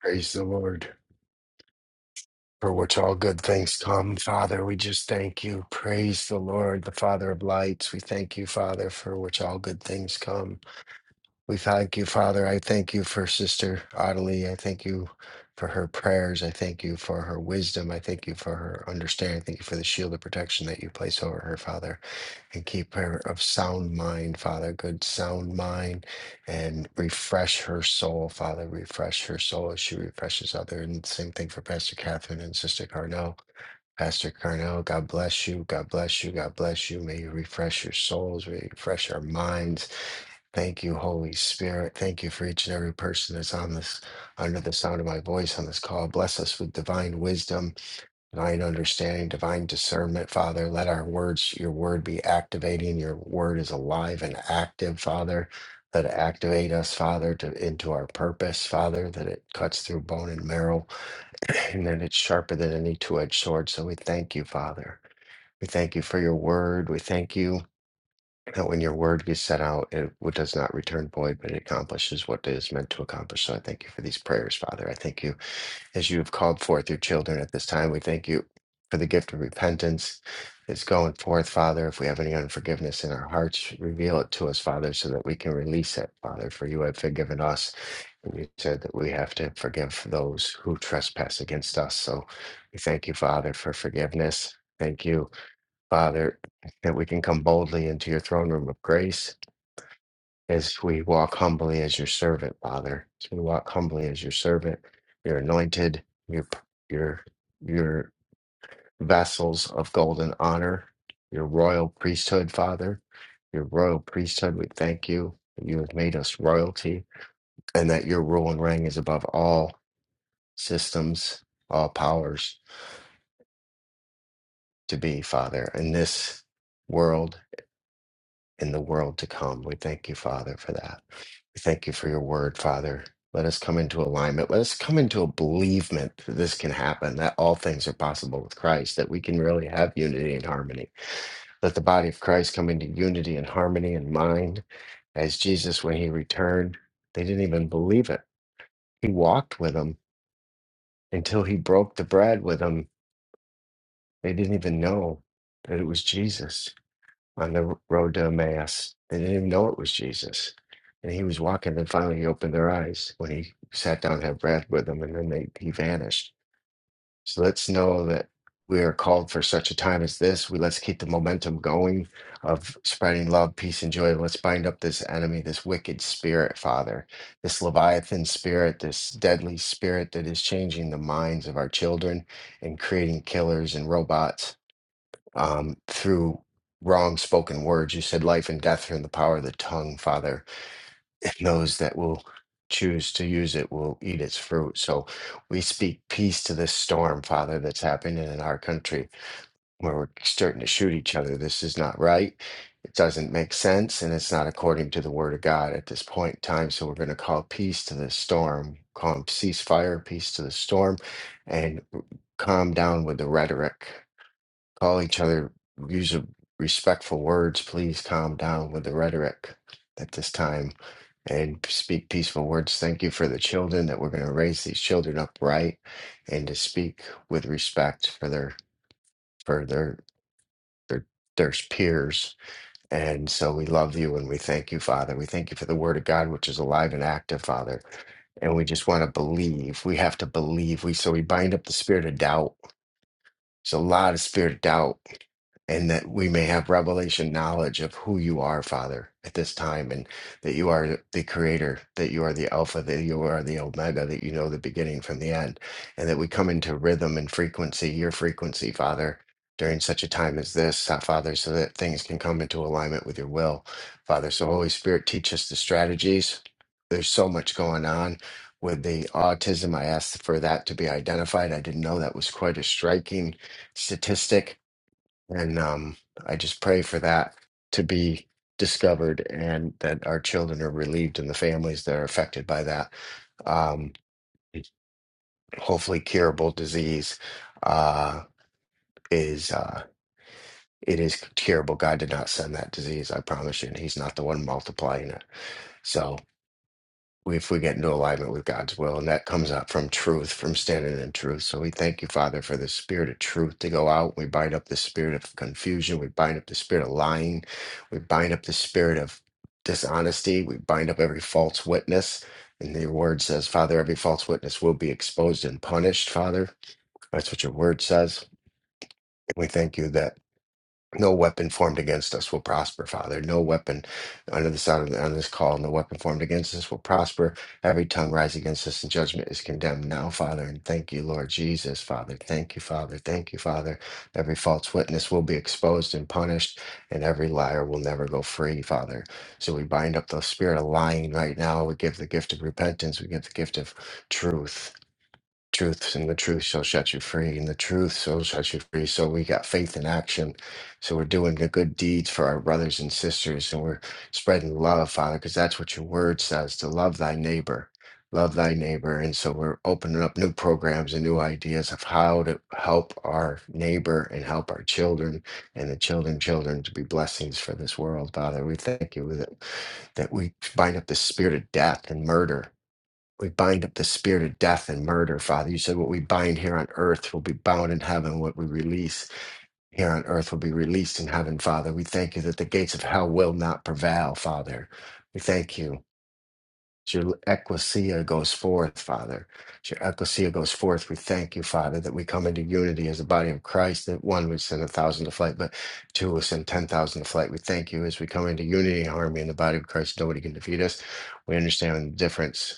S4: Praise the Lord, for which all good things come. Father, we just thank you. Praise the Lord, the Father of lights. We thank you, Father, for which all good things come. We thank you, Father. I thank you for Sister Ottilie. I thank you for her prayers. I thank you for her wisdom. I thank you for her understanding. I thank you for the shield of protection that you place over her, Father and keep her of sound mind, Father, good sound mind, and refresh her soul, Father, refresh her soul as she refreshes others. And same thing for Pastor Catherine and Sister Carnell. Pastor Carnell, God bless you, God bless you, God bless you. May you refresh your souls, may you refresh our minds. Thank you, Holy Spirit. Thank you for each and every person that's on this, under the sound of my voice on this call. Bless us with divine wisdom divine understanding, divine discernment, Father. Let our words, your word be activating. Your word is alive and active, Father. Let it activate us, Father, to, into our purpose, Father, that it cuts through bone and marrow, and that it's sharper than any two edged sword. So we thank you, Father. We thank you for your word. We thank you that when your word gets sent out, it w- does not return void, but it accomplishes what it is meant to accomplish. So I thank you for these prayers, Father. I thank you as you have called forth your children at this time. We thank you for the gift of repentance. It's going forth, Father. If we have any unforgiveness in our hearts, reveal it to us, Father, so that we can release it, Father. For you have forgiven us. And you said that we have to forgive those who trespass against us. So we thank you, Father, for forgiveness. Thank you, Father, that we can come boldly into your throne room of grace as we walk humbly as your servant, Father. As we walk humbly as your servant, you're anointed, your your your vessels of golden honor, your royal priesthood, Father, your royal priesthood. We thank you that you have made us royalty, and that your rule and reign is above all systems, all powers to be, Father, in this world in the world to come. We thank you, Father, for that. We thank you for your word, Father. Let us come into alignment. Let us come into a believement that this can happen, that all things are possible with Christ, that we can really have unity and harmony. Let the body of Christ come into unity and harmony and mind. As Jesus, when he returned, they didn't even believe it. He walked with them until he broke the bread with them. They didn't even know that it was Jesus on the road to Emmaus. They didn't even know it was Jesus. And he was walking, and finally he opened their eyes when he sat down to have bread with them, and then they, he vanished. So let's know that we are called for such a time as this. We let's keep the momentum going of spreading love, peace, and joy. Let's bind up this enemy, this wicked spirit, Father, this Leviathan spirit, this deadly spirit that is changing the minds of our children and creating killers and robots um, through wrong spoken words. You said life and death are in the power of the tongue, Father. And those that will choose to use it will eat its fruit. So we speak peace to this storm, Father, that's happening in our country where we're starting to shoot each other. This is not right. It doesn't make sense, and it's not according to the word of God at this point in time. So we're going to call peace to this storm, calm ceasefire, peace to the storm, and calm down with the rhetoric. Call each other, use a- respectful words. Please calm down with the rhetoric at this time and speak peaceful words. Thank you for the children that we're going to raise these children upright and to speak with respect for their for their their their peers. And so we love you and we thank you, Father. We thank you for the Word of God, which is alive and active, Father. And we just want to believe. We have to believe. We so we bind up the spirit of doubt it's a lot of spirit of doubt, and that we may have revelation knowledge of who you are, Father, at this time, and that you are the creator, that you are the Alpha, that you are the Omega, that you know the beginning from the end, and that we come into rhythm and frequency, your frequency, Father. During such a time as this, uh, Father, so that things can come into alignment with your will, Father. So, Holy Spirit, teach us the strategies. There's so much going on with the autism. I asked for that to be identified. I didn't know that was quite as striking statistic. And um, I just pray for that to be discovered and that our children are relieved and the families that are affected by that. Um, hopefully, curable disease uh, is. Uh, it is curable. God did not send that disease, I promise you, and He's not the one multiplying it. So. if we get into alignment with God's will, and that comes out from truth, from standing in truth. So we thank you, Father, for the spirit of truth to go out. We bind up the spirit of confusion. We bind up the spirit of lying. We bind up the spirit of dishonesty. We bind up every false witness. And your word says, Father, every false witness will be exposed and punished, Father. That's what your word says. We thank you that. No weapon formed against us will prosper, Father. No weapon under the sound of the, on this call, no weapon formed against us will prosper. Every tongue rise against us in judgment is condemned now, Father. And thank you, Lord Jesus, Father. Thank you, Father. Thank you, Father. Every false witness will be exposed and punished, and every liar will never go free, Father. So we bind up the spirit of lying right now. We give the gift of repentance. We give the gift of truth truth and the truth shall set you free and the truth shall set you free so we got faith in action so we're doing the good deeds for our brothers and sisters and we're spreading love father because that's what your word says to love thy neighbor love thy neighbor and so we're opening up new programs and new ideas of how to help our neighbor and help our children and the children children to be blessings for this world father we thank you that that we bind up the spirit of death and murder we bind up the spirit of death and murder, Father. You said what we bind here on earth will be bound in heaven. What we release here on earth will be released in heaven, Father. We thank you that the gates of hell will not prevail, Father. We thank you. As your ecclesia goes forth, Father. As your ecclesia goes forth, we thank you, Father, that we come into unity as the body of Christ, that one would send a thousand to flight, but two would send ten thousand to flight. We thank you as we come into unity and harmony in the body of Christ. Nobody can defeat us. We understand the difference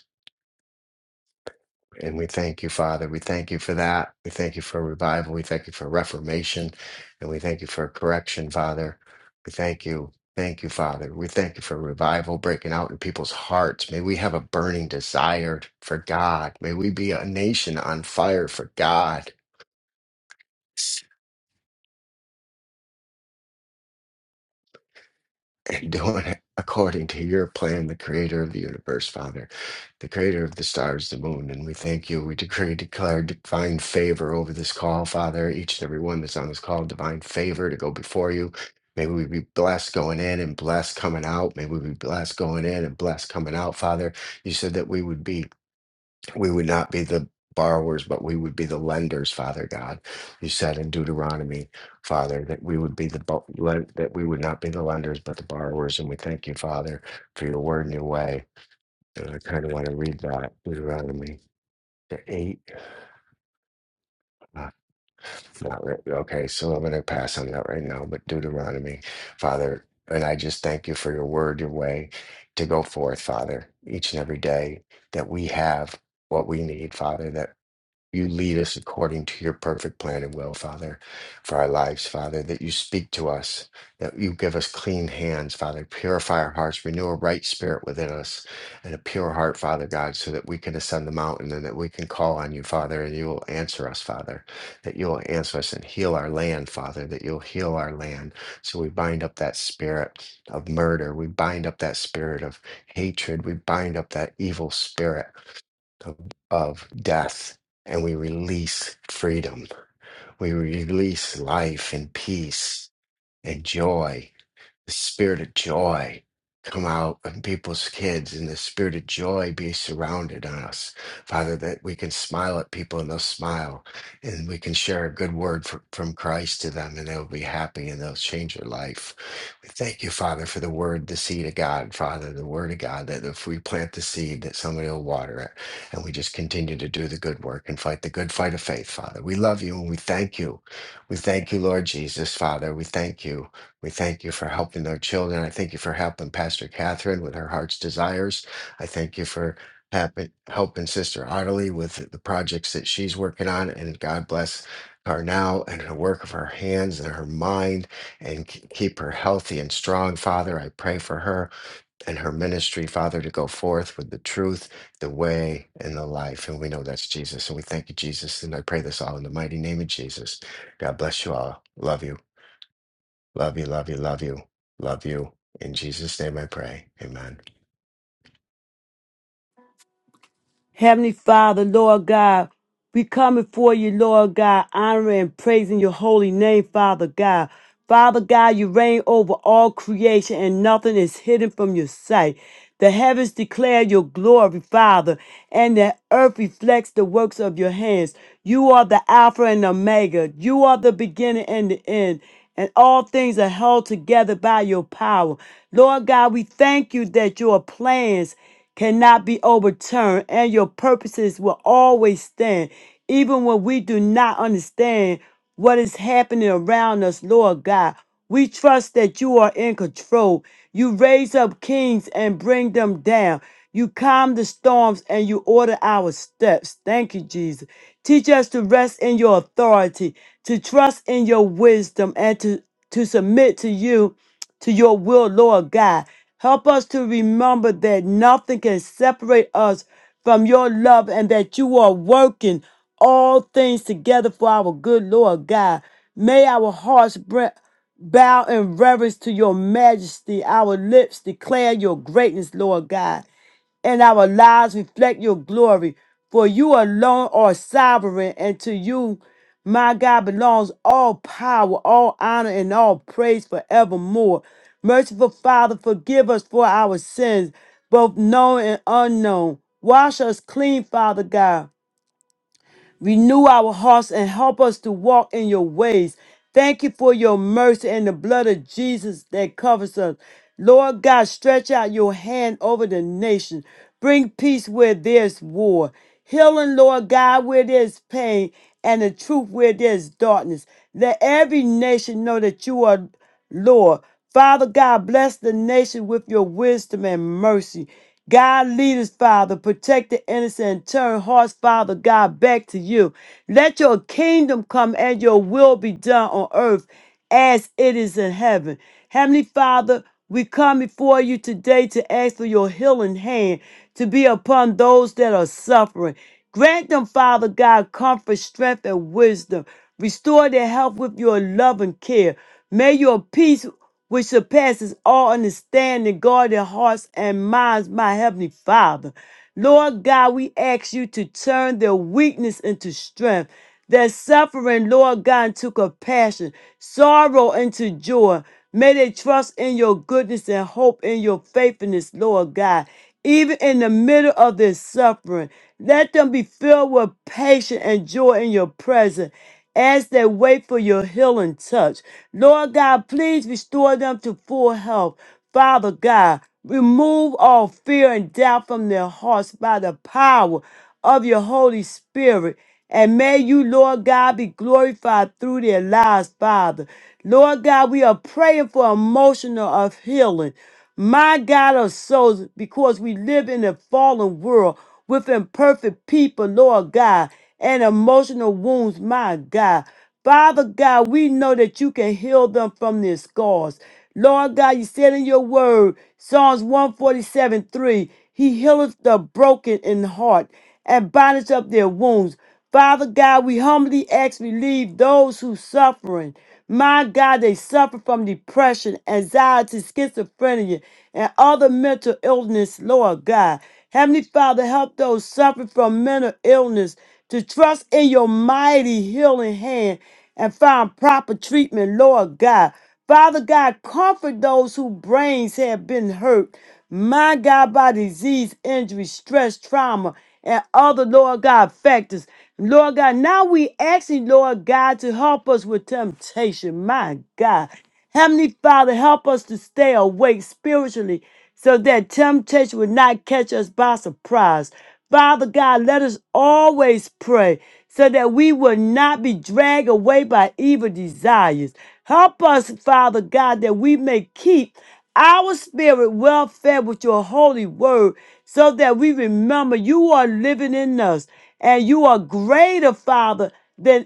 S4: And we thank you, Father. We thank you for that. We thank you for revival. We thank you for reformation. And we thank you for correction, Father. We thank you. Thank you, Father. We thank you for revival breaking out in people's hearts. May we have a burning desire for God. May we be a nation on fire for God. and doing it according to your plan, the creator of the universe, Father, the creator of the stars, the moon. And we thank you. We decree, declare divine favor over this call, Father. Each and every one that's on this call, divine favor to go before you. May we be blessed going in and blessed coming out. May we be blessed going in and blessed coming out, Father. You said that we would be we would not be the borrowers, but we would be the lenders, Father God. You said in Deuteronomy, Father, that we would be the bo- len- that we would not be the lenders, but the borrowers. And we thank you, Father, for your word and your way. And I kind of want to read that Deuteronomy the eight. uh, not right. Okay, so I'm going to pass on that right now. But Deuteronomy, Father, and I just thank you for your word, your way to go forth, Father, each and every day that we have what we need, Father, That. You lead us according to your perfect plan and will, Father, for our lives, Father, that you speak to us, that you give us clean hands, Father, purify our hearts, renew a right spirit within us, and a pure heart, Father God, so that we can ascend the mountain and that we can call on you, Father, and you will answer us, Father, that you will answer us and heal our land, Father, that you'll heal our land. So we bind up that spirit of murder, we bind up that spirit of hatred, we bind up that evil spirit of death and we release freedom. We release life and peace and joy the spirit of joy come out in people's kids and the spirit of joy be surrounded on us father that we can smile at people and they'll smile and we can share a good word fr- from christ to them and they'll be happy and they'll change their life we thank you father for the word the seed of god father the word of god that if we plant the seed that somebody will water it and we just continue to do the good work and fight the good fight of faith father we love you and we thank you we thank you lord jesus father we thank you we thank you for helping our children. I thank you for helping Pastor Catherine with her heart's desires. I thank you for happen, helping Sister Ottilie with the projects that she's working on. And God bless her now and her work of her hands and her mind and k- keep her healthy and strong. Father, I pray for her and her ministry, Father, to go forth with the truth, the way, and the life. And we know that's Jesus. And we thank you, Jesus. And I pray this all in the mighty name of Jesus. God bless you all. Love you. Love you, love you, love you, love you. In Jesus' name I pray. Amen.
S2: Heavenly Father, Lord God, we come before you, Lord God, honoring and praising your holy name, Father God. Father God, you reign over all creation and nothing is hidden from your sight. The heavens declare your glory, Father, and the earth reflects the works of your hands. You are the Alpha and Omega. You are the beginning and the end and all things are held together by your power. Lord God, we thank you that your plans cannot be overturned, and your purposes will always stand, even when we do not understand what is happening around us, Lord God. We trust that you are in control. You raise up kings and bring them down. You calm the storms and you order our steps. Thank you, Jesus. Teach us to rest in your authority, to trust in your wisdom, and to, to submit to you to your will, Lord God. Help us to remember that nothing can separate us from your love and that you are working all things together for our good, Lord God. May our hearts bre- bow in reverence to your majesty, our lips declare your greatness, Lord God and our lives reflect your glory. For you alone are sovereign, and to you, my God, belongs all power, all honor, and all praise forevermore. Merciful Father, forgive us for our sins, both known and unknown. Wash us clean, Father God Renew our hearts and help us to walk in your ways. Thank you for your mercy and the blood of Jesus that covers us. Lord God, stretch out your hand over the nation. Bring peace where there's war. Healing, Lord God, where there's pain, and the truth where there's darkness. Let every nation know that you are. Lord. Father God, bless the nation with your wisdom and mercy. God, lead us, Father. Protect the innocent and turn hearts, Father God, back to you. Let your kingdom come and your will be done on earth as it is in heaven. Heavenly Father, we come before you today to ask for your healing hand to be upon those that are suffering. Grant them, Father God, comfort, strength, and wisdom. Restore their health with your love and care. May your peace which surpasses all understanding, guard their hearts and minds, my heavenly Father. Lord God, we ask you to turn their weakness into strength, their suffering, Lord God, into compassion, sorrow into joy. May they trust in your goodness and hope in your faithfulness, Lord God. Even in the middle of their suffering, let them be filled with patience and joy in your presence as they wait for your healing touch. Lord God, please restore them to full health. Father God, remove all fear and doubt from their hearts by the power of your Holy Spirit. And may you, Lord God, be glorified through their lives, Father. Lord God, we are praying for emotional of healing. My God of souls, because we live in a fallen world with imperfect people, Lord God and emotional wounds, my God. Father God, we know that you can heal them from their scars. Lord God, you said in your word, Psalms 147 3, He healeth the broken in heart and bindeth up their wounds. Father God, we humbly ask relieve those who suffering. My God, they suffer from depression, anxiety, schizophrenia, and other mental illness, Lord God. Heavenly Father, help those suffering from mental illness to trust in your mighty healing hand and find proper treatment, Lord God. Father God, comfort those whose brains have been hurt, my God, by disease, injury, stress, trauma, and other, Lord God, factors. Lord God, now we asking, Lord God, to help us with temptation, my God. Heavenly Father, help us to stay awake spiritually so that temptation would not catch us by surprise. Father God, let us always pray so that we will not be dragged away by evil desires. Help us, Father God, that we may keep our spirit well fed with your holy word so that we remember you are living in us and you are greater, Father, than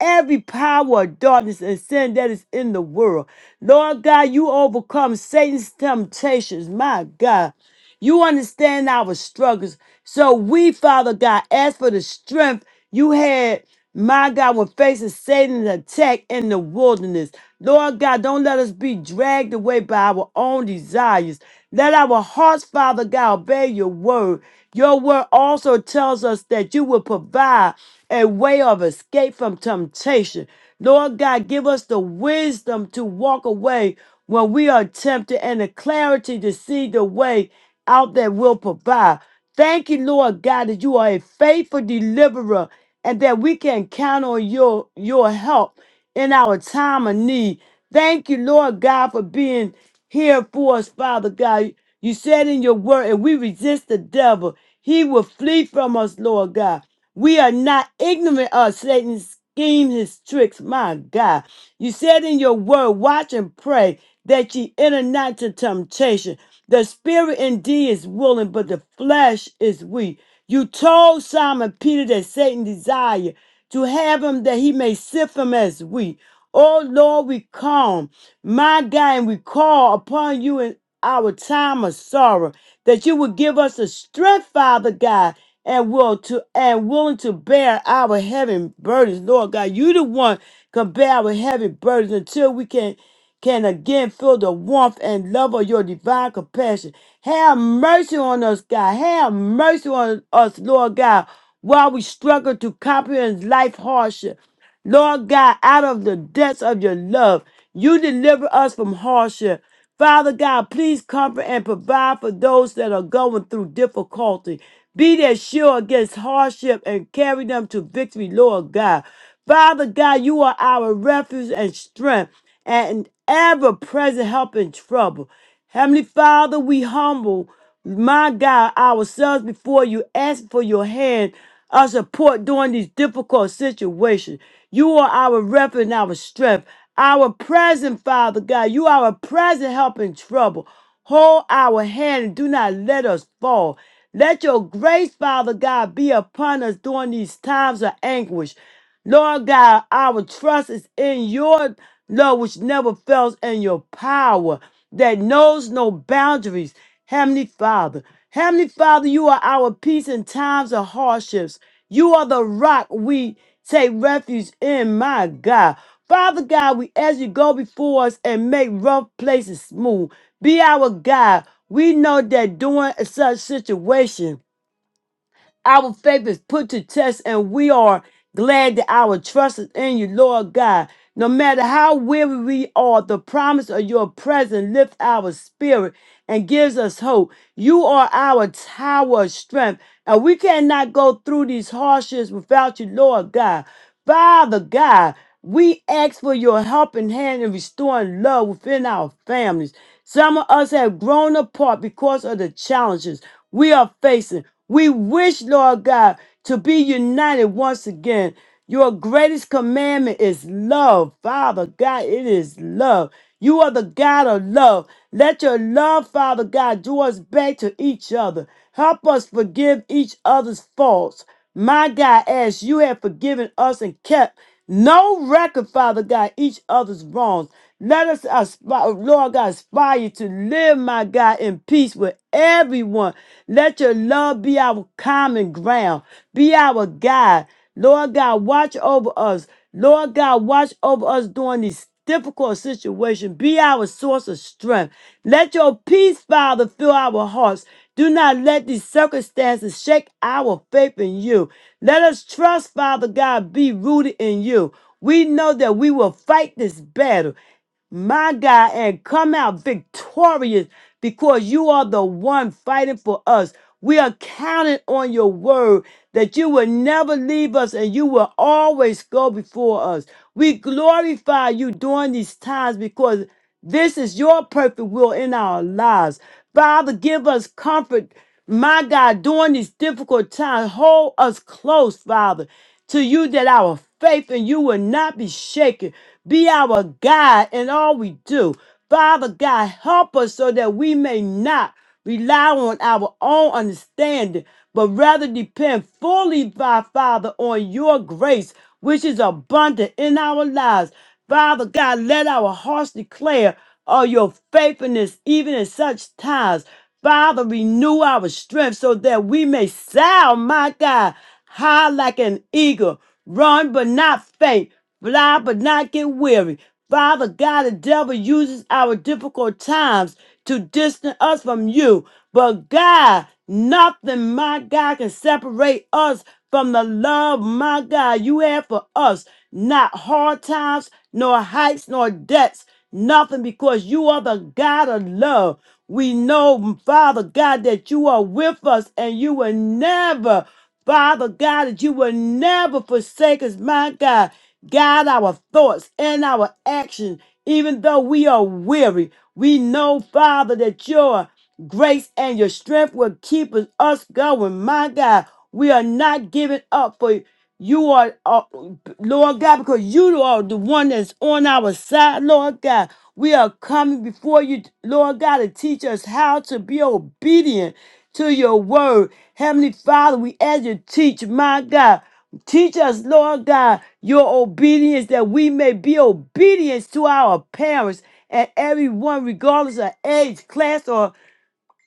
S2: every power of darkness and sin that is in the world. Lord God, you overcome Satan's temptations. My God, you understand our struggles. So we, Father God, ask for the strength you had. My God, when facing Satan's attack in the wilderness, Lord God, don't let us be dragged away by our own desires. Let our hearts, Father God, obey your word. Your word also tells us that you will provide a way of escape from temptation. Lord God, give us the wisdom to walk away when we are tempted and the clarity to see the way out that will provide. Thank you, Lord God, that you are a faithful deliverer and that we can count on your, your help in our time of need. Thank you, Lord God, for being here for us, Father God. You said in your word, and we resist the devil, he will flee from us, Lord God. We are not ignorant of Satan's scheme, his tricks. My God. You said in your word, watch and pray that ye enter not into temptation. The spirit indeed is willing, but the flesh is weak. You told Simon Peter that Satan desired to have him that he may sift him as wheat. Oh Lord, we come, my God, and we call upon you in our time of sorrow that you would give us the strength, Father God, and will to and willing to bear our heavy burdens, Lord God. You the one can bear our heavy burdens until we can can again feel the warmth and love of your divine compassion. Have mercy on us, God. Have mercy on us, Lord God, while we struggle to comprehend life hardship. Lord God, out of the depths of your love. You deliver us from hardship. Father God, please comfort and provide for those that are going through difficulty. Be their shield against hardship and carry them to victory, Lord God. Father God, you are our refuge and strength and ever present help in trouble. Heavenly Father, we humble, my God, ourselves before you, asking for your hand of support during these difficult situations. You are our refuge and our strength, our present, Father God. You are a present help in trouble. Hold our hand and do not let us fall. Let your grace, Father God, be upon us during these times of anguish. Lord God, our trust is in your love, which never fails, and your power that knows no boundaries. Heavenly Father, Heavenly Father, you are our peace in times of hardships. You are the rock we take refuge in, my God. Father God, we ask you go before us and make rough places smooth. Be our God. We know that during such situation. Our faith is put to test, and we are glad that our trust is in you, Lord God. No matter how weary we are, the promise of your presence lifts our spirit and gives us hope. You are our tower of strength, and we cannot go through these hardships without you, Lord God. Father God, we ask for your helping hand in restoring love within our families. Some of us have grown apart because of the challenges we are facing. We wish, Lord God, to be united once again. Your greatest commandment is love. Father God, it is love. You are the God of love. Let your love, Father God, draw us back to each other. Help us forgive each other's faults. My God, as you have forgiven us and kept no record, Father God, each other's wrongs. Let us, aspire, Lord God, aspire to live, my God, in peace with everyone. Let your love be our common ground, be our guide. Lord God, watch over us. Lord God, watch over us during these difficult situations. Be our source of strength. Let your peace, Father, fill our hearts. Do not let these circumstances shake our faith in you. Let us trust, Father God, be rooted in you. We know that we will fight this battle, my God, and come out victorious because you are the one fighting for us. We are counting on your word that you will never leave us and you will always go before us. We glorify you during these times because this is your perfect will in our lives. Father, give us comfort, my God, during these difficult times. Hold us close, Father, to you that our faith in you will not be shaken. Be our guide in all we do. Father God, help us so that we may not rely on our own understanding, but rather depend fully by Father on your grace, which is abundant in our lives. Father God, let our hearts declare of your faithfulness even in such times. Father, renew our strength so that we may sound, my God, high like an eagle, run but not faint, Fly, but not get weary. Father God, the devil uses our difficult times to distance us from you. But God, nothing, my God, can separate us from the love, my God, you have for us. Not hard times, nor heights, nor depths. Nothing because you are the God of love. We know, Father God, that you are with us and you will never Father God, that you will never forsake us, my God. Guide our thoughts and our actions, even though we are weary. We know, Father, that your grace and your strength will keep us us going. My God, we are not giving up for you You are, are- Lord God, because you are the one that's on our side, Lord God. We are coming before you, Lord God, to teach us how to be obedient to your word. Heavenly Father, we ask you to teach, my God. Teach us, Lord God, your obedience that we may be obedient to our parents and everyone, regardless of age, class, or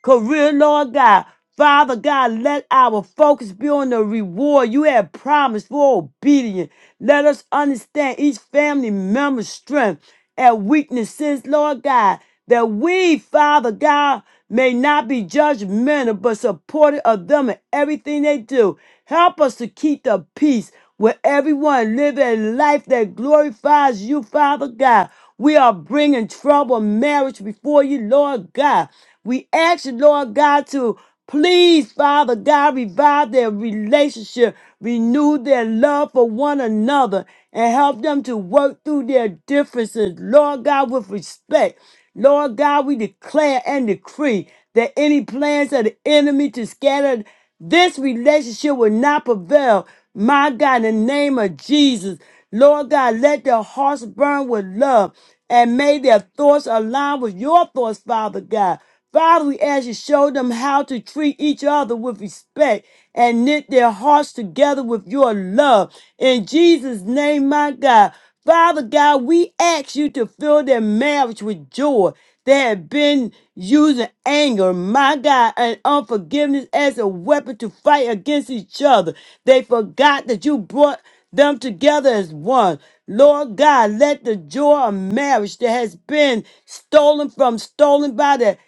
S2: career, Lord God. Father God, let our focus be on the reward you have promised for obedience. Let us understand each family member's strength and weaknesses, Lord God, that we, Father God, may not be judgmental but supportive of them in everything they do. Help us to keep the peace with everyone, live a life that glorifies you, Father God. We are bringing trouble marriage before you, Lord God. We ask you, Lord God, to please, Father God, revive their relationship, renew their love for one another, and help them to work through their differences, Lord God, with respect. Lord God, we declare and decree that any plans of the enemy to scatter this relationship will not prevail. My God, in the name of Jesus, Lord God, let their hearts burn with love and may their thoughts align with your thoughts, Father God. Father, we ask you show them how to treat each other with respect and knit their hearts together with your love. In Jesus' name, my God. Father God, we ask you to fill their marriage with joy. They have been using anger, my God, and unforgiveness as a weapon to fight against each other. They forgot that you brought them together as one. Lord God, let the joy of marriage that has been stolen from, stolen by the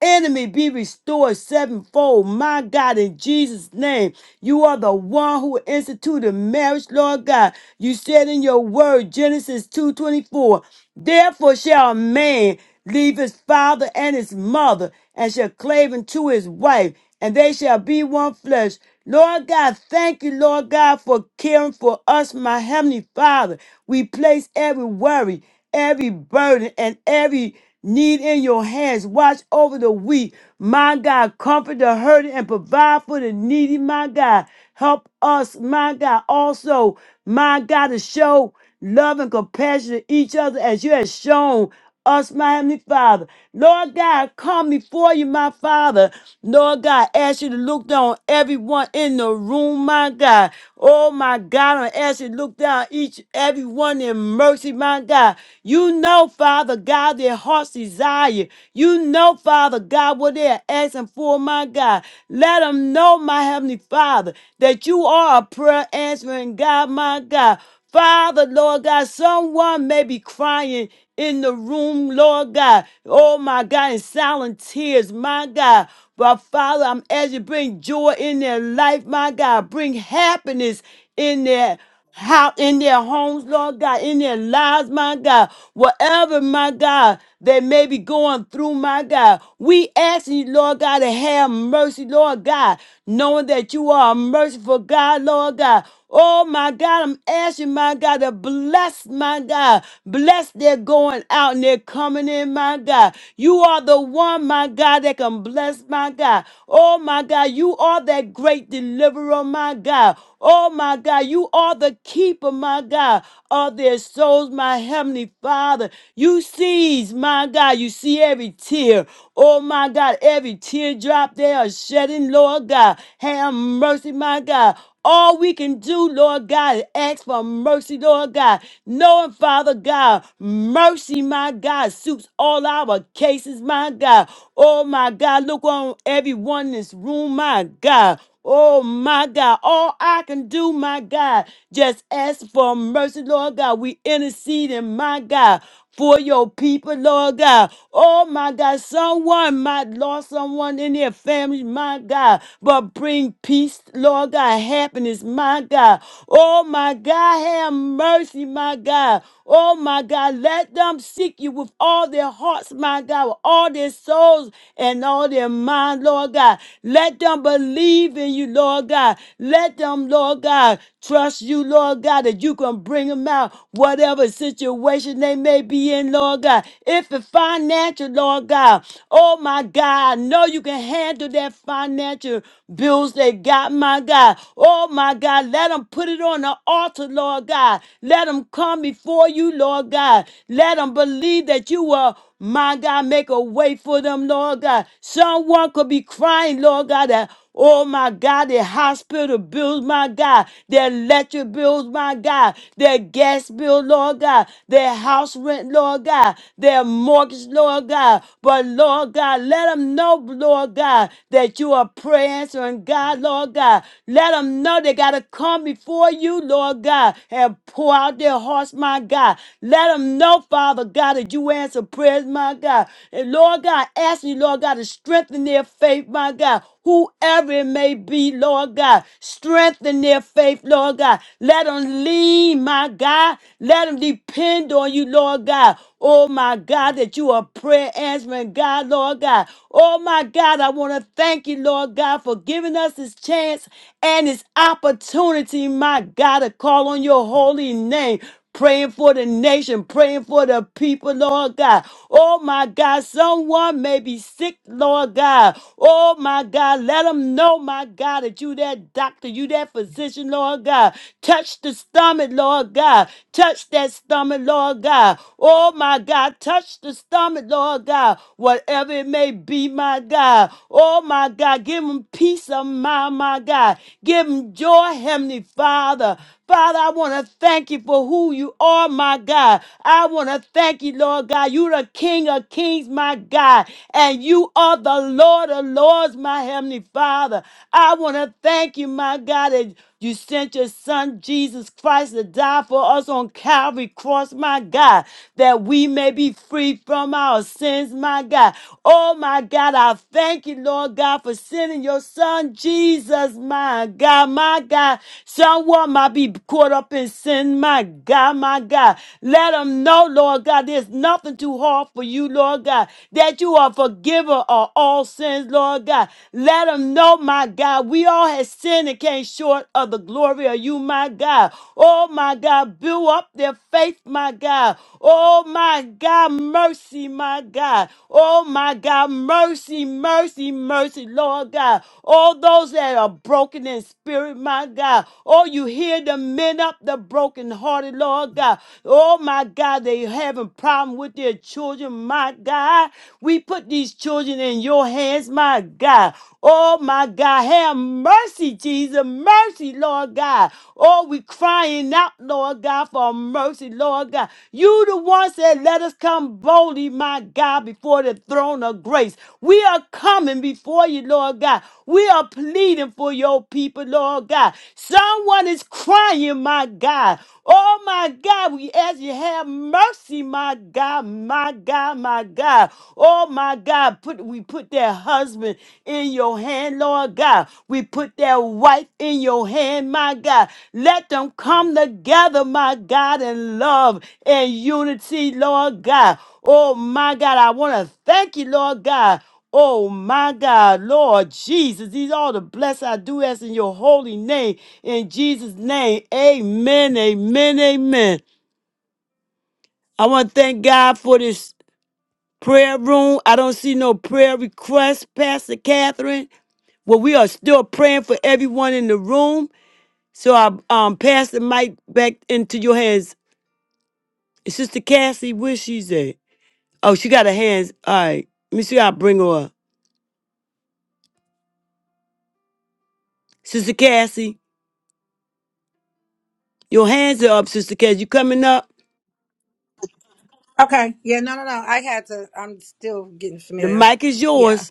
S2: enemy be restored sevenfold. My God, in Jesus' name, you are the one who instituted marriage, Lord God. You said in your word, Genesis 2.24, Therefore shall a man leave his father and his mother and shall cleave unto his wife, and they shall be one flesh. Lord God, thank you, Lord God, for caring for us, my Heavenly Father. We place every worry, every burden, and every need in your hands. Watch over the weak. My God, comfort the hurting and provide for the needy. My God, help us, my God, also, my God, to show love and compassion to each other as you have shown us, my Heavenly Father. Lord God, come before you, my Father. Lord God, ask you to look down on everyone in the room, my God. Oh, my God, I ask you to look down each, everyone in mercy, my God. You know know, Father God, their heart's desire. You know, Father God, what they are asking for, my God. Let them know, my Heavenly Father, that you are a prayer answering God, my God. Father, Lord God, someone may be crying in the room, Lord God. Oh, my God, in silent tears, my God. But Father, I'm asking you to bring joy in their life, my God. Bring happiness in there how in their homes, Lord God, in their lives, my God, whatever, my God, they may be going through, my God. We ask you, Lord God, to have mercy, Lord God, knowing that you are a merciful God, Lord God. Oh my God, I'm asking my God to bless my God. Bless their going out and their coming in, my God. You are the one, my God, that can bless my God. Oh my God, you are that great deliverer, my God. Oh my God. You are the keeper, my God, of their souls, my heavenly Father. You sees, my God. You see every tear. Oh, my God, every teardrop they are shedding, Lord God. Have mercy, my God. All we can do, Lord God, is ask for mercy, Lord God. Knowing, Father God, mercy, my God, suits all our cases, my God. Oh, my God, look on everyone in this room, my God. Oh my God, all I can do, my God, just ask for mercy, Lord God. We interceding, my God, for your people, Lord God. Oh my God, someone might lost someone in their family, my God, but bring peace, Lord God, happiness, my God. Oh my God, have mercy, my God. Oh my God, let them seek you with all their hearts, my God, with all their souls and all their mind, Lord God. Let them believe in you, Lord God. Let them, Lord God, trust you, Lord God, that you can bring them out, whatever situation they may be in, Lord God. If it's financial, Lord God, oh my God, I know you can handle that financial bills they got, my God. Oh my God, let them put it on the altar, Lord God. Let them come before before you, Lord God. Let them believe that you will, my God, make a way for them, Lord God. Someone could be crying, Lord God, that, oh my God, their hospital bills, my God, their electric bills, my God, their gas bill, Lord God, their house rent, Lord God, their mortgage, Lord God. But Lord God, let them know, Lord God, that you are prayer answering God, Lord God. Let them know they got to come before you, Lord God, and pour out their hearts, my God. Let them know, Father God, that you answer prayers, my God. And Lord God, ask you, Lord God, to strengthen their faith, my God. Whoever it may be, Lord God, strengthen their faith, Lord God. Let them lean, my God. Let them depend on you, Lord God. Oh my God, that you are prayer answering God, Lord God. Oh my God, I want to thank you, Lord God, for giving us this chance and this opportunity, my God, to call on your holy name praying for the nation, praying for the people, Lord God. Oh my God, someone may be sick, Lord God. Oh my God, let them know, my God, that you that doctor, you that physician, Lord God. Touch the stomach, Lord God. Touch that stomach, Lord God. Oh my God, touch the stomach, Lord God. Whatever it may be, my God. Oh my God, give them peace of mind, my my God. Give them joy, Heavenly Father. Father, I want to thank you for who you are, my God. I want to thank you, Lord God. You're the King of Kings, my God, and you are the Lord of Lords, my Heavenly Father. I want to thank you, my God, that you sent your Son, Jesus Christ, to die for us on Calvary Cross, my God, that we may be free from our sins, my God. God. Oh my God, I thank you, Lord God, for sending your son Jesus, my God, my God. Someone might be caught up in sin, my God, my God. Let them know, Lord God, there's nothing too hard for you, Lord God, that you are forgiver of all sins, Lord God. Let them know, my God, we all have sinned and came short of the glory of you, my God. Oh my God, build up their faith, my God. Oh, my God, mercy, my God. Oh, my God, mercy, mercy, mercy, Lord God. All those that are broken in spirit, my God. Oh, you hear the men up the brokenhearted, Lord God. Oh, my God, they having problem with their children, my God. We put these children in your hands, my God. Oh, my God, have mercy Mercy, Jesus. Mercy, Lord God. Oh, we crying out, Lord God, for mercy, Lord God. You the one said, let us come boldly, my God, before the throne of grace. We are coming before you, Lord God. We are pleading for your people, Lord God. Someone is crying, my God. Oh, my God, we ask you have mercy, my God, my God, my God. Oh my God, put we put that husband in your hand, Lord God. We put that wife in your hand, my God. Let them come together, my God, in love and unity, Lord God. Oh my God, I want to thank you, Lord God. Oh my God, Lord Jesus, these all the bless I do ask in your holy name. In Jesus' name, amen, amen, amen. I want to thank God for this prayer room. I don't see no prayer requests, Pastor Catherine. Well, we are still praying for everyone in the room. So I um pass the mic back into your hands. Sister Cassie, where she's at? Oh, she got her hands. All right. Let me see how I bring her up. Sister Cassie, your hands are up, Sister Cassie. You coming up?
S5: Okay. Yeah, no, no, no. I had to, I'm still getting
S2: The
S5: familiar.
S2: mic is yours.
S5: Yeah.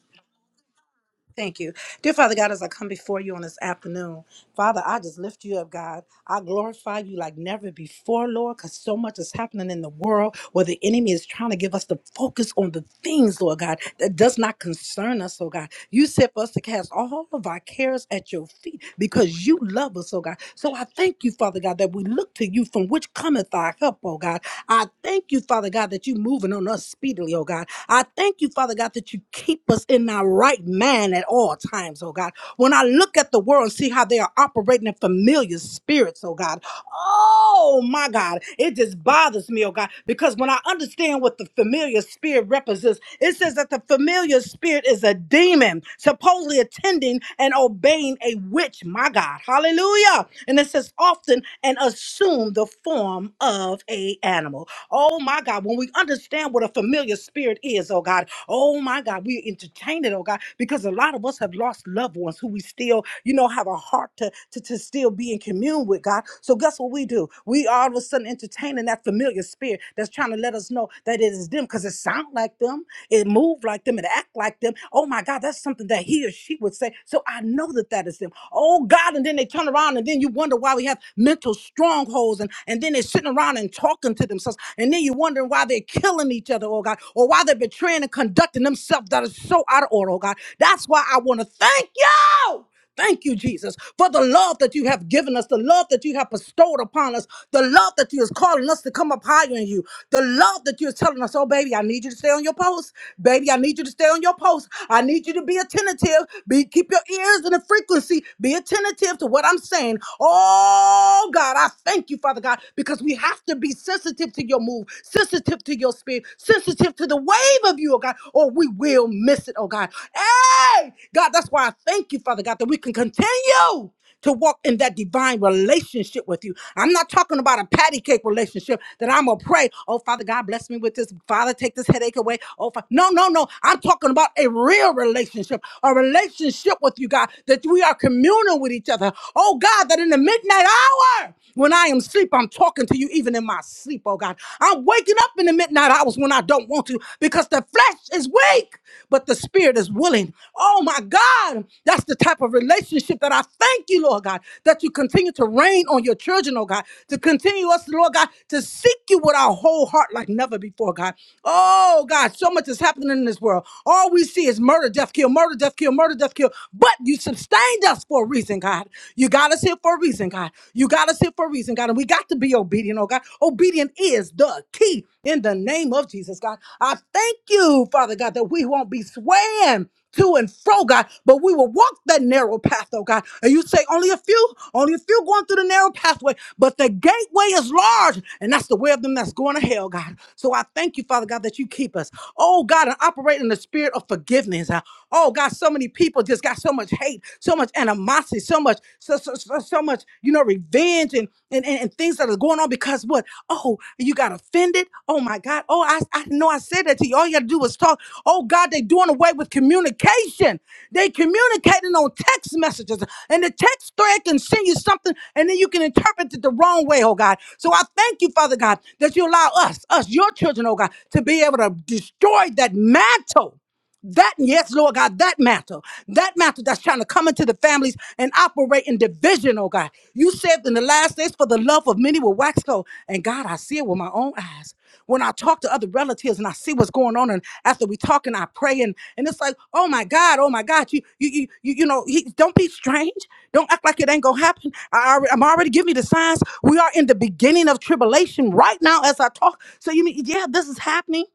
S5: Thank you. Dear Father God, as I come before you on this afternoon, Father, I just lift you up, God. I glorify you like never before, Lord, because so much is happening in the world where the enemy is trying to give us the focus on the things, Lord God, that does not concern us, oh God. You said for us to cast all of our cares at your feet because you love us, oh God. So I thank you, Father God, that we look to you from which cometh our help, oh God. I thank you, Father God, that you're moving on us speedily, oh God. I thank you, Father God, that you that you keep us in our right mind at all times, oh God. When I look at the world and see how they are operating in familiar spirits, oh God, oh my God, it just bothers me, oh God, because when I understand what the familiar spirit represents, it says that the familiar spirit is a demon, supposedly attending and obeying a witch, my God, hallelujah. And it says often and assume the form of a animal. Oh my God, when we understand what a familiar familiar spirit is, oh God. Oh my God, we entertain it, oh God, because a lot of us have lost loved ones who we still, you know, have a heart to, to, to still be in commune with God. So guess what we do? We all of a sudden entertaining that familiar spirit that's trying to let us know that it is them because it sound like them, it move like them, it act like them. Oh my God, that's something that he or she would say. So I know that that is them. Oh God, and then they turn around and then you wonder why we have mental strongholds and, and then they're sitting around and talking to themselves. And then you're wondering why they're killing each other, oh God, or why they're betraying and conducting themselves that is so out of order, oh God. That's why I want to thank you. Thank you, Jesus, for the love that you have given us, the love that you have bestowed upon us, the love that you is calling us to come up higher in you, the love that you're telling us, oh, baby, I need you to stay on your post. Baby, I need you to stay on your post. I need you to be attentive. Be keep your ears in the frequency. Be attentive to what I'm saying. Oh God, I thank you, Father God. Lord God, because we have to be sensitive to your move, sensitive to your spirit, sensitive to the wave of you, oh God, or we will miss it, oh God. Hey, God, that's why I thank you, Father God, that we can continue to walk in that divine relationship with you. I'm not talking about a patty cake relationship that I'm gonna pray, oh Father God, bless me with this. Father, take this headache away. Oh, Fa-" no, no, no. I'm talking about a real relationship, a relationship with you, God, that we are communing with each other. Oh God, that in the midnight hour. When I am asleep, I'm talking to you even in my sleep, oh God. I'm waking up in the midnight hours when I don't want to because the flesh is weak, but the spirit is willing. Oh my God, that's the type of relationship that I thank you, Lord God, that you continue to reign on your children, oh God, to continue us, Lord God, to seek you with our whole heart like never before, God. Oh God, so much is happening in this world. All we see is murder, death, kill, murder, death, kill, murder, death, kill. But you sustained us us for a reason, God. You got us here for a reason, God. You got us here for a reason, God. And we got to be obedient, oh God. Obedient is the key in the name of Jesus, God. I thank you, Father God, that we won't be swaying to and fro, God, but we will walk that narrow path, oh God. And you say only a few, only a few going through the narrow pathway, but the gateway is large, and that's the way of them that's going to hell, God. So I thank you, Father God, that you keep us, oh God, and operate in the spirit of forgiveness. uh, Oh God, so many many people just got so much hate, so much animosity, so much, so so, so, so much, you know, revenge and, and and and things that are going on because what? Oh, you got offended. Oh my God. Oh, I I know I said that to you. All you got to do is talk. Oh God, they doing away with communication. They communicating on text messages, and the text thread can send you something, and then you can interpret it the wrong way. Oh God. So I thank you, Father God, that you allow us, us, your children, oh God, to be able to destroy that mantle. That, yes, Lord God, that matter, that matter that's trying to come into the families and operate in division, oh God. You said in the last days, for the love of many will wax cold. And God, I see it with my own eyes. When I talk to other relatives and I see what's going on, and after we talk and I pray, and, and it's like, oh my God, oh my God, you you you you, you know, he, don't be strange. Don't act like it ain't gonna happen. I already, I'm already giving you the signs. We are in the beginning of tribulation right now as I talk. So you mean, yeah, this is happening.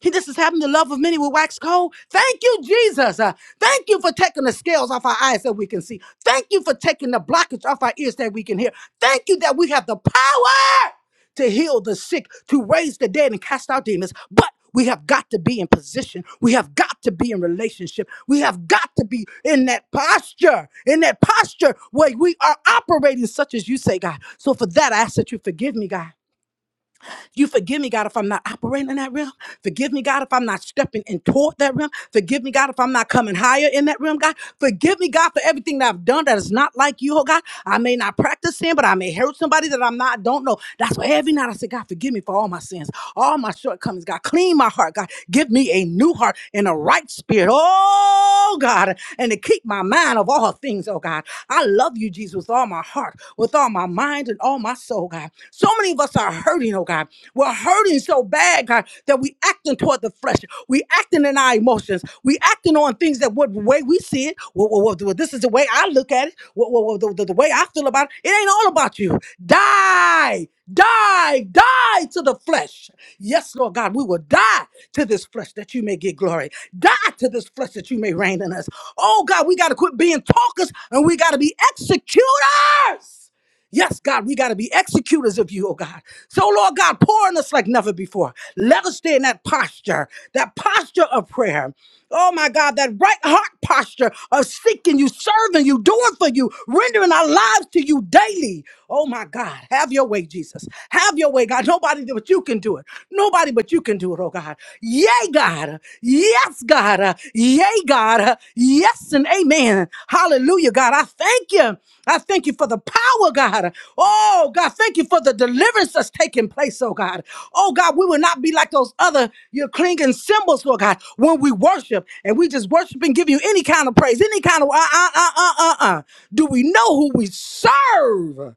S5: He this is having the love of many will wax cold. Thank you, Jesus. Uh, thank you for taking the scales off our eyes that we can see. Thank you for taking the blockage off our ears that we can hear. Thank you that we have the power to heal the sick, to raise the dead, and cast out demons. But we have got to be in position. We have got to be in relationship. We have got to be in that posture, in that posture where we are operating, such as you say, God. So for that, I ask that you forgive me, God. You forgive me, God, if I'm not operating in that realm. Forgive me, God, if I'm not stepping in toward that realm. Forgive me, God, if I'm not coming higher in that realm, God. Forgive me, God, for everything that I've done that is not like you, oh God. I may not practice sin, but I may hurt somebody that I'm not, don't know. That's why every night I say, God, forgive me for all my sins, all my shortcomings, God. Clean my heart, God. Give me a new heart and a right spirit, oh God, and to keep my mind of all things, oh God. I love you, Jesus, with all my heart, with all my mind, and all my soul, God. God. So many of us are hurting, oh God. We're hurting so bad, God, that we acting toward the flesh. We acting in our emotions. We acting on things that what way we see it. Well, well, well, th- this is the way I look at it. Well, well, well, the, the the way I feel about it. It ain't all about you. Die, die, die to the flesh. Yes, Lord God, we will die to this flesh that you may get glory. Die to this flesh that you may reign in us. Oh God, we got to quit being talkers and we got to be executors. Yes, God, we got to be executors of you, oh God. So, Lord God, pour on us like never before. Let us stay in that posture, that posture of prayer. Oh my God, that right heart posture of seeking you, serving you, doing for you, rendering our lives to you daily. Oh my God, have your way, Jesus. Have your way, God. Nobody but you can do it. Nobody but you can do it, oh God. Yay, God. Yes, God. Uh, Yay, God. Uh, Yes and amen. Hallelujah, God. I thank you. I thank you for the power, God. Oh, God, thank you for the deliverance that's taking place, oh God. Oh, God, we will not be like those other your clinging symbols, Lord God, when we worship and we just worship and give you any kind of praise, any kind of uh uh uh uh uh. uh. Do we know who we serve?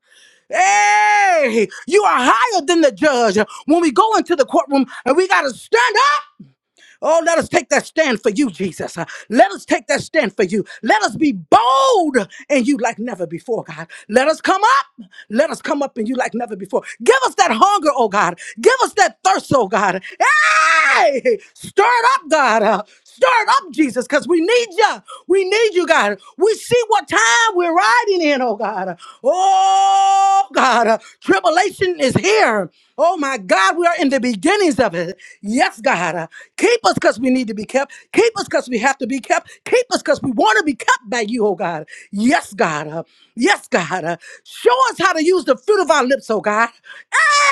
S5: Hey, you are higher than the judge. When we go into the courtroom and we got to stand Oh, let us take that stand for you, Jesus. Uh, Let us take that stand for you. Let us be bold in you like never before, God. Let us come up. Let us come up in you like never before. Give us that hunger, oh God. Give us that thirst, oh God. Hey! Stir it up, God. Uh, Stir it up, Jesus, because we need you. We need you, God. We see what time we're riding in, oh God. Oh God, uh, tribulation is here. Oh my God, we are in the beginnings of it. Yes, God. uh, Keep us because we need to be kept. Keep us because we have to be kept. Keep us because we want to be kept by you, oh God. Yes, God. uh, Yes, God. uh, Show us how to use the fruit of our lips, oh God.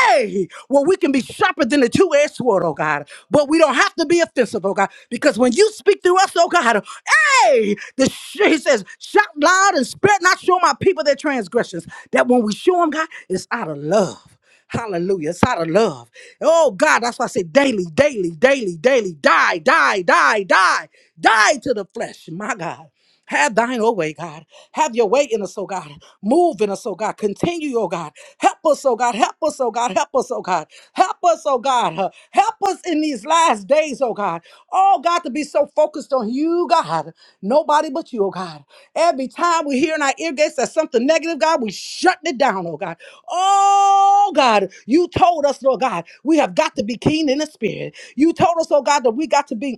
S5: Hey, way where we can be sharper than the two-edged sword, oh God. But we don't have to be offensive, oh God, because when you speak through us, oh God, hey, the sh- he says, shout loud and spread not show my people their transgressions. That when we show them, God, it's out of love. Hallelujah. It's out of love. Oh God, that's why I say daily, daily, daily, daily, die, die, die, die, die to the flesh. My God. Have thine own way, God. Have your way in us, oh God. Move in us, oh God. Continue, oh God. Help us, oh God. Help us, oh God. Help us, oh God. Help us, oh God. Uh, Help us in these last days, oh God. Oh God, to be so focused on you, God. Nobody but you, oh God. Every time we hear in our ear gates that something negative, God, we shut it down, oh God. Oh God, you told us, Lord God, we have got to be keen in the spirit. You told us, oh God, that we got to be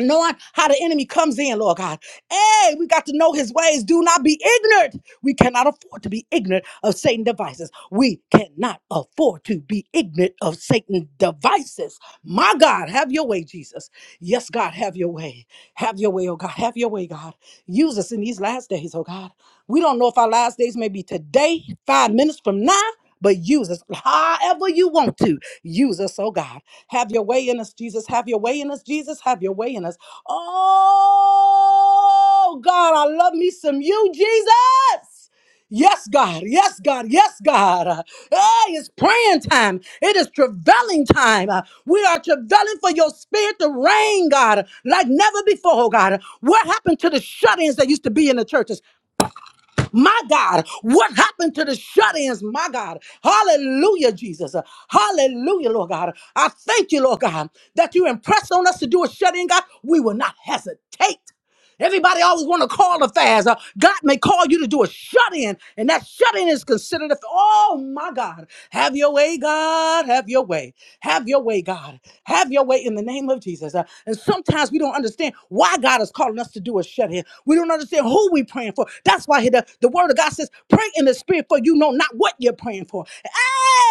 S5: knowing how the enemy comes in, Lord God. Hey, we got to know his ways. Do not be ignorant. We cannot afford to be ignorant of Satan devices. We cannot afford to be ignorant of Satan devices. My God, have your way, Jesus. Yes, God, have your way. Have your way, oh God. Have your way, God. Use us in these last days, oh God. We don't know if our last days may be today, five minutes from now. But use us however you want to. Use us, oh God. Have your way in us, Jesus. Have your way in us, Jesus. Have your way in us. Oh, God, I love me some you, Jesus. Yes, God. Yes, God. Yes, God. Uh, Hey, it's praying time. It is travailing time. Uh, We are travailing for your spirit to reign, God, like never before, God. What happened to the shut ins that used to be in the churches? My God, what happened to the shut ins? My God, hallelujah, Jesus. Hallelujah, Lord God. I thank you, Lord God, that you impressed on us to do a shut in, God. We will not hesitate. Everybody always want to call a fast. Uh, God may call you to do a shut in, and that shut in is considered a. f- Oh my God. Have your way, God. Have your way. Have your way, God. Have your way in the name of Jesus. Uh, and sometimes we don't understand why God is calling us to do a shut in. We don't understand who we're praying for. That's why the, the word of God says, pray in the spirit for you know not what you're praying for.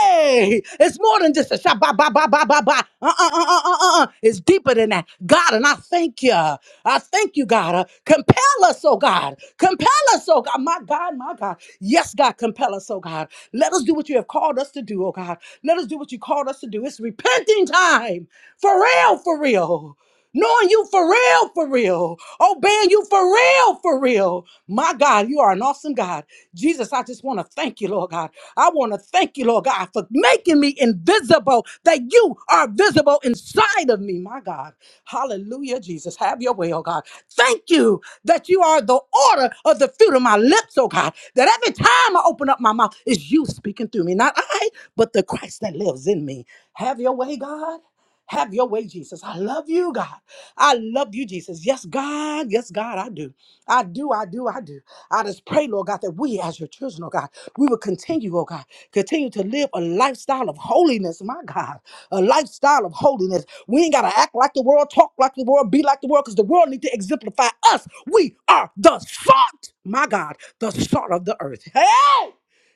S5: Hey, it's more more than just a shot. Ba, ba, ba, ba, ba, ba. Uh, uh, uh, uh, uh, uh. It's deeper than that. God, and I thank you. I thank you, God. Uh, compel us, oh God. Compel us, oh God. My God, my God. Yes, God, compel us, oh God. Let us do what you have called us to do, oh God. Let us do what you called us to do. It's repenting time. For real, for real. Knowing you for real, for real. Obeying you for real, for real. My God, you are an awesome God. Jesus, I just want to thank you, Lord God. I want to thank you, Lord God, for making me invisible, that you are visible inside of me, my God. Hallelujah, Jesus. Have your way, oh God. Thank you that you are the order of the fruit of my lips, oh God. That every time I open up my mouth, it's you speaking through me, not I, but the Christ that lives in me. Have your way, God. Have your way, Jesus. I love you, God. I love you, Jesus. Yes, God. Yes, God, I do. I do, I do, I do. I just pray, Lord God, that we as your children, oh God, we will continue, oh God, continue to live a lifestyle of holiness, my God. A lifestyle of holiness. We ain't gotta act like the world, talk like the world, be like the world, because the world need to exemplify us. We are the salt, my God, the salt of the earth. Hey!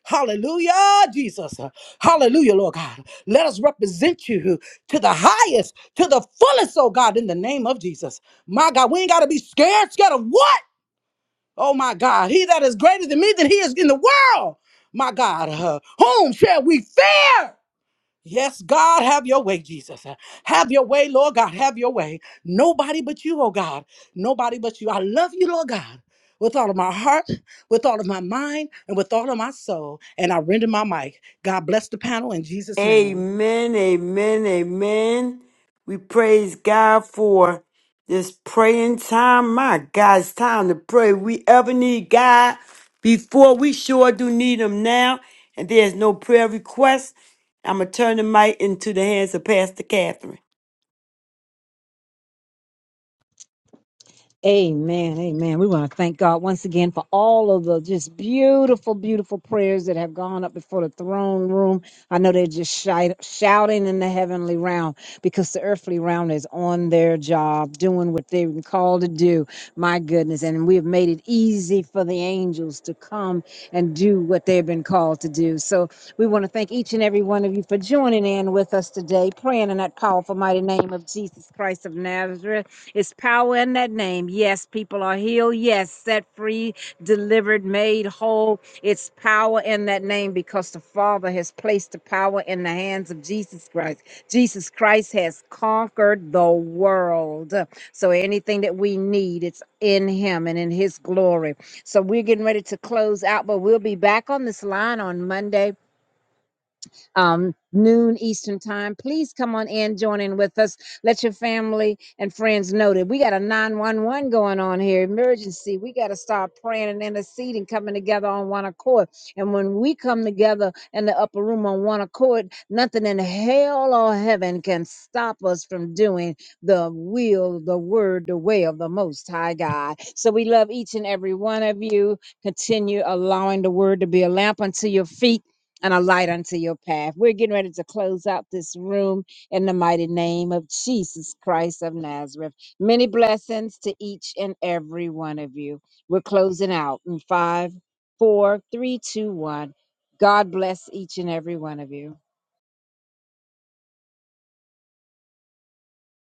S5: Hallelujah, Jesus. Hallelujah, Lord God. Let us represent you to the highest, to the fullest, oh God, in the name of Jesus. My God, we ain't got to be scared. Scared of what? Oh my God, he that is greater than me than he is in the world. My God, uh, whom shall we fear? Yes, God, have your way, Jesus. Uh, Have your way, Lord God, have your way. Nobody but you, oh God. Nobody but you. I love you, Lord God, with all of my heart, with all of my mind, and with all of my soul. And I render my mic. God bless the panel in Jesus' name.
S2: Amen, amen, amen. We praise God for this praying time. My God, it's time to pray. We ever need God before we sure do need Him now. And there's no prayer request. I'm going to turn the mic into the hands of Pastor Catherine.
S1: Amen. Amen. We want to thank God once again for all of the just beautiful, beautiful prayers that have gone up before the throne room. I know they're just shi- shouting in the heavenly realm because the earthly realm is on their job, doing what they've been called to do. My goodness. And we have made it easy for the angels to come and do what they've been called to do. So we want to thank each and every one of you for joining in with us today, praying in that powerful, mighty name of Jesus Christ of Nazareth. It's power in that name. Yes, people are healed. Yes, set free, delivered, made whole. It's power in that name because the Father has placed the power in the hands of Jesus Christ. Jesus Christ has conquered the world. So anything that we need, it's in Him and in His glory. So we're getting ready to close out, but we'll be back on this line on Monday um, noon Eastern time. Please come on in, join in with us. Let your family and friends know that we got a 911 going on here, emergency. We got to start praying and interceding, coming together on one accord. And when we come together in the upper room on one accord, nothing in hell or heaven can stop us from doing the will, the word, the way of the Most High God. So we love each and every one of you. Continue allowing the word to be a lamp unto your feet and a light unto your path. We're getting ready to close out this room in the mighty name of Jesus Christ of Nazareth. Many blessings to each and every one of you. We're closing out in five, four, three, two, one. God bless each and every one of you.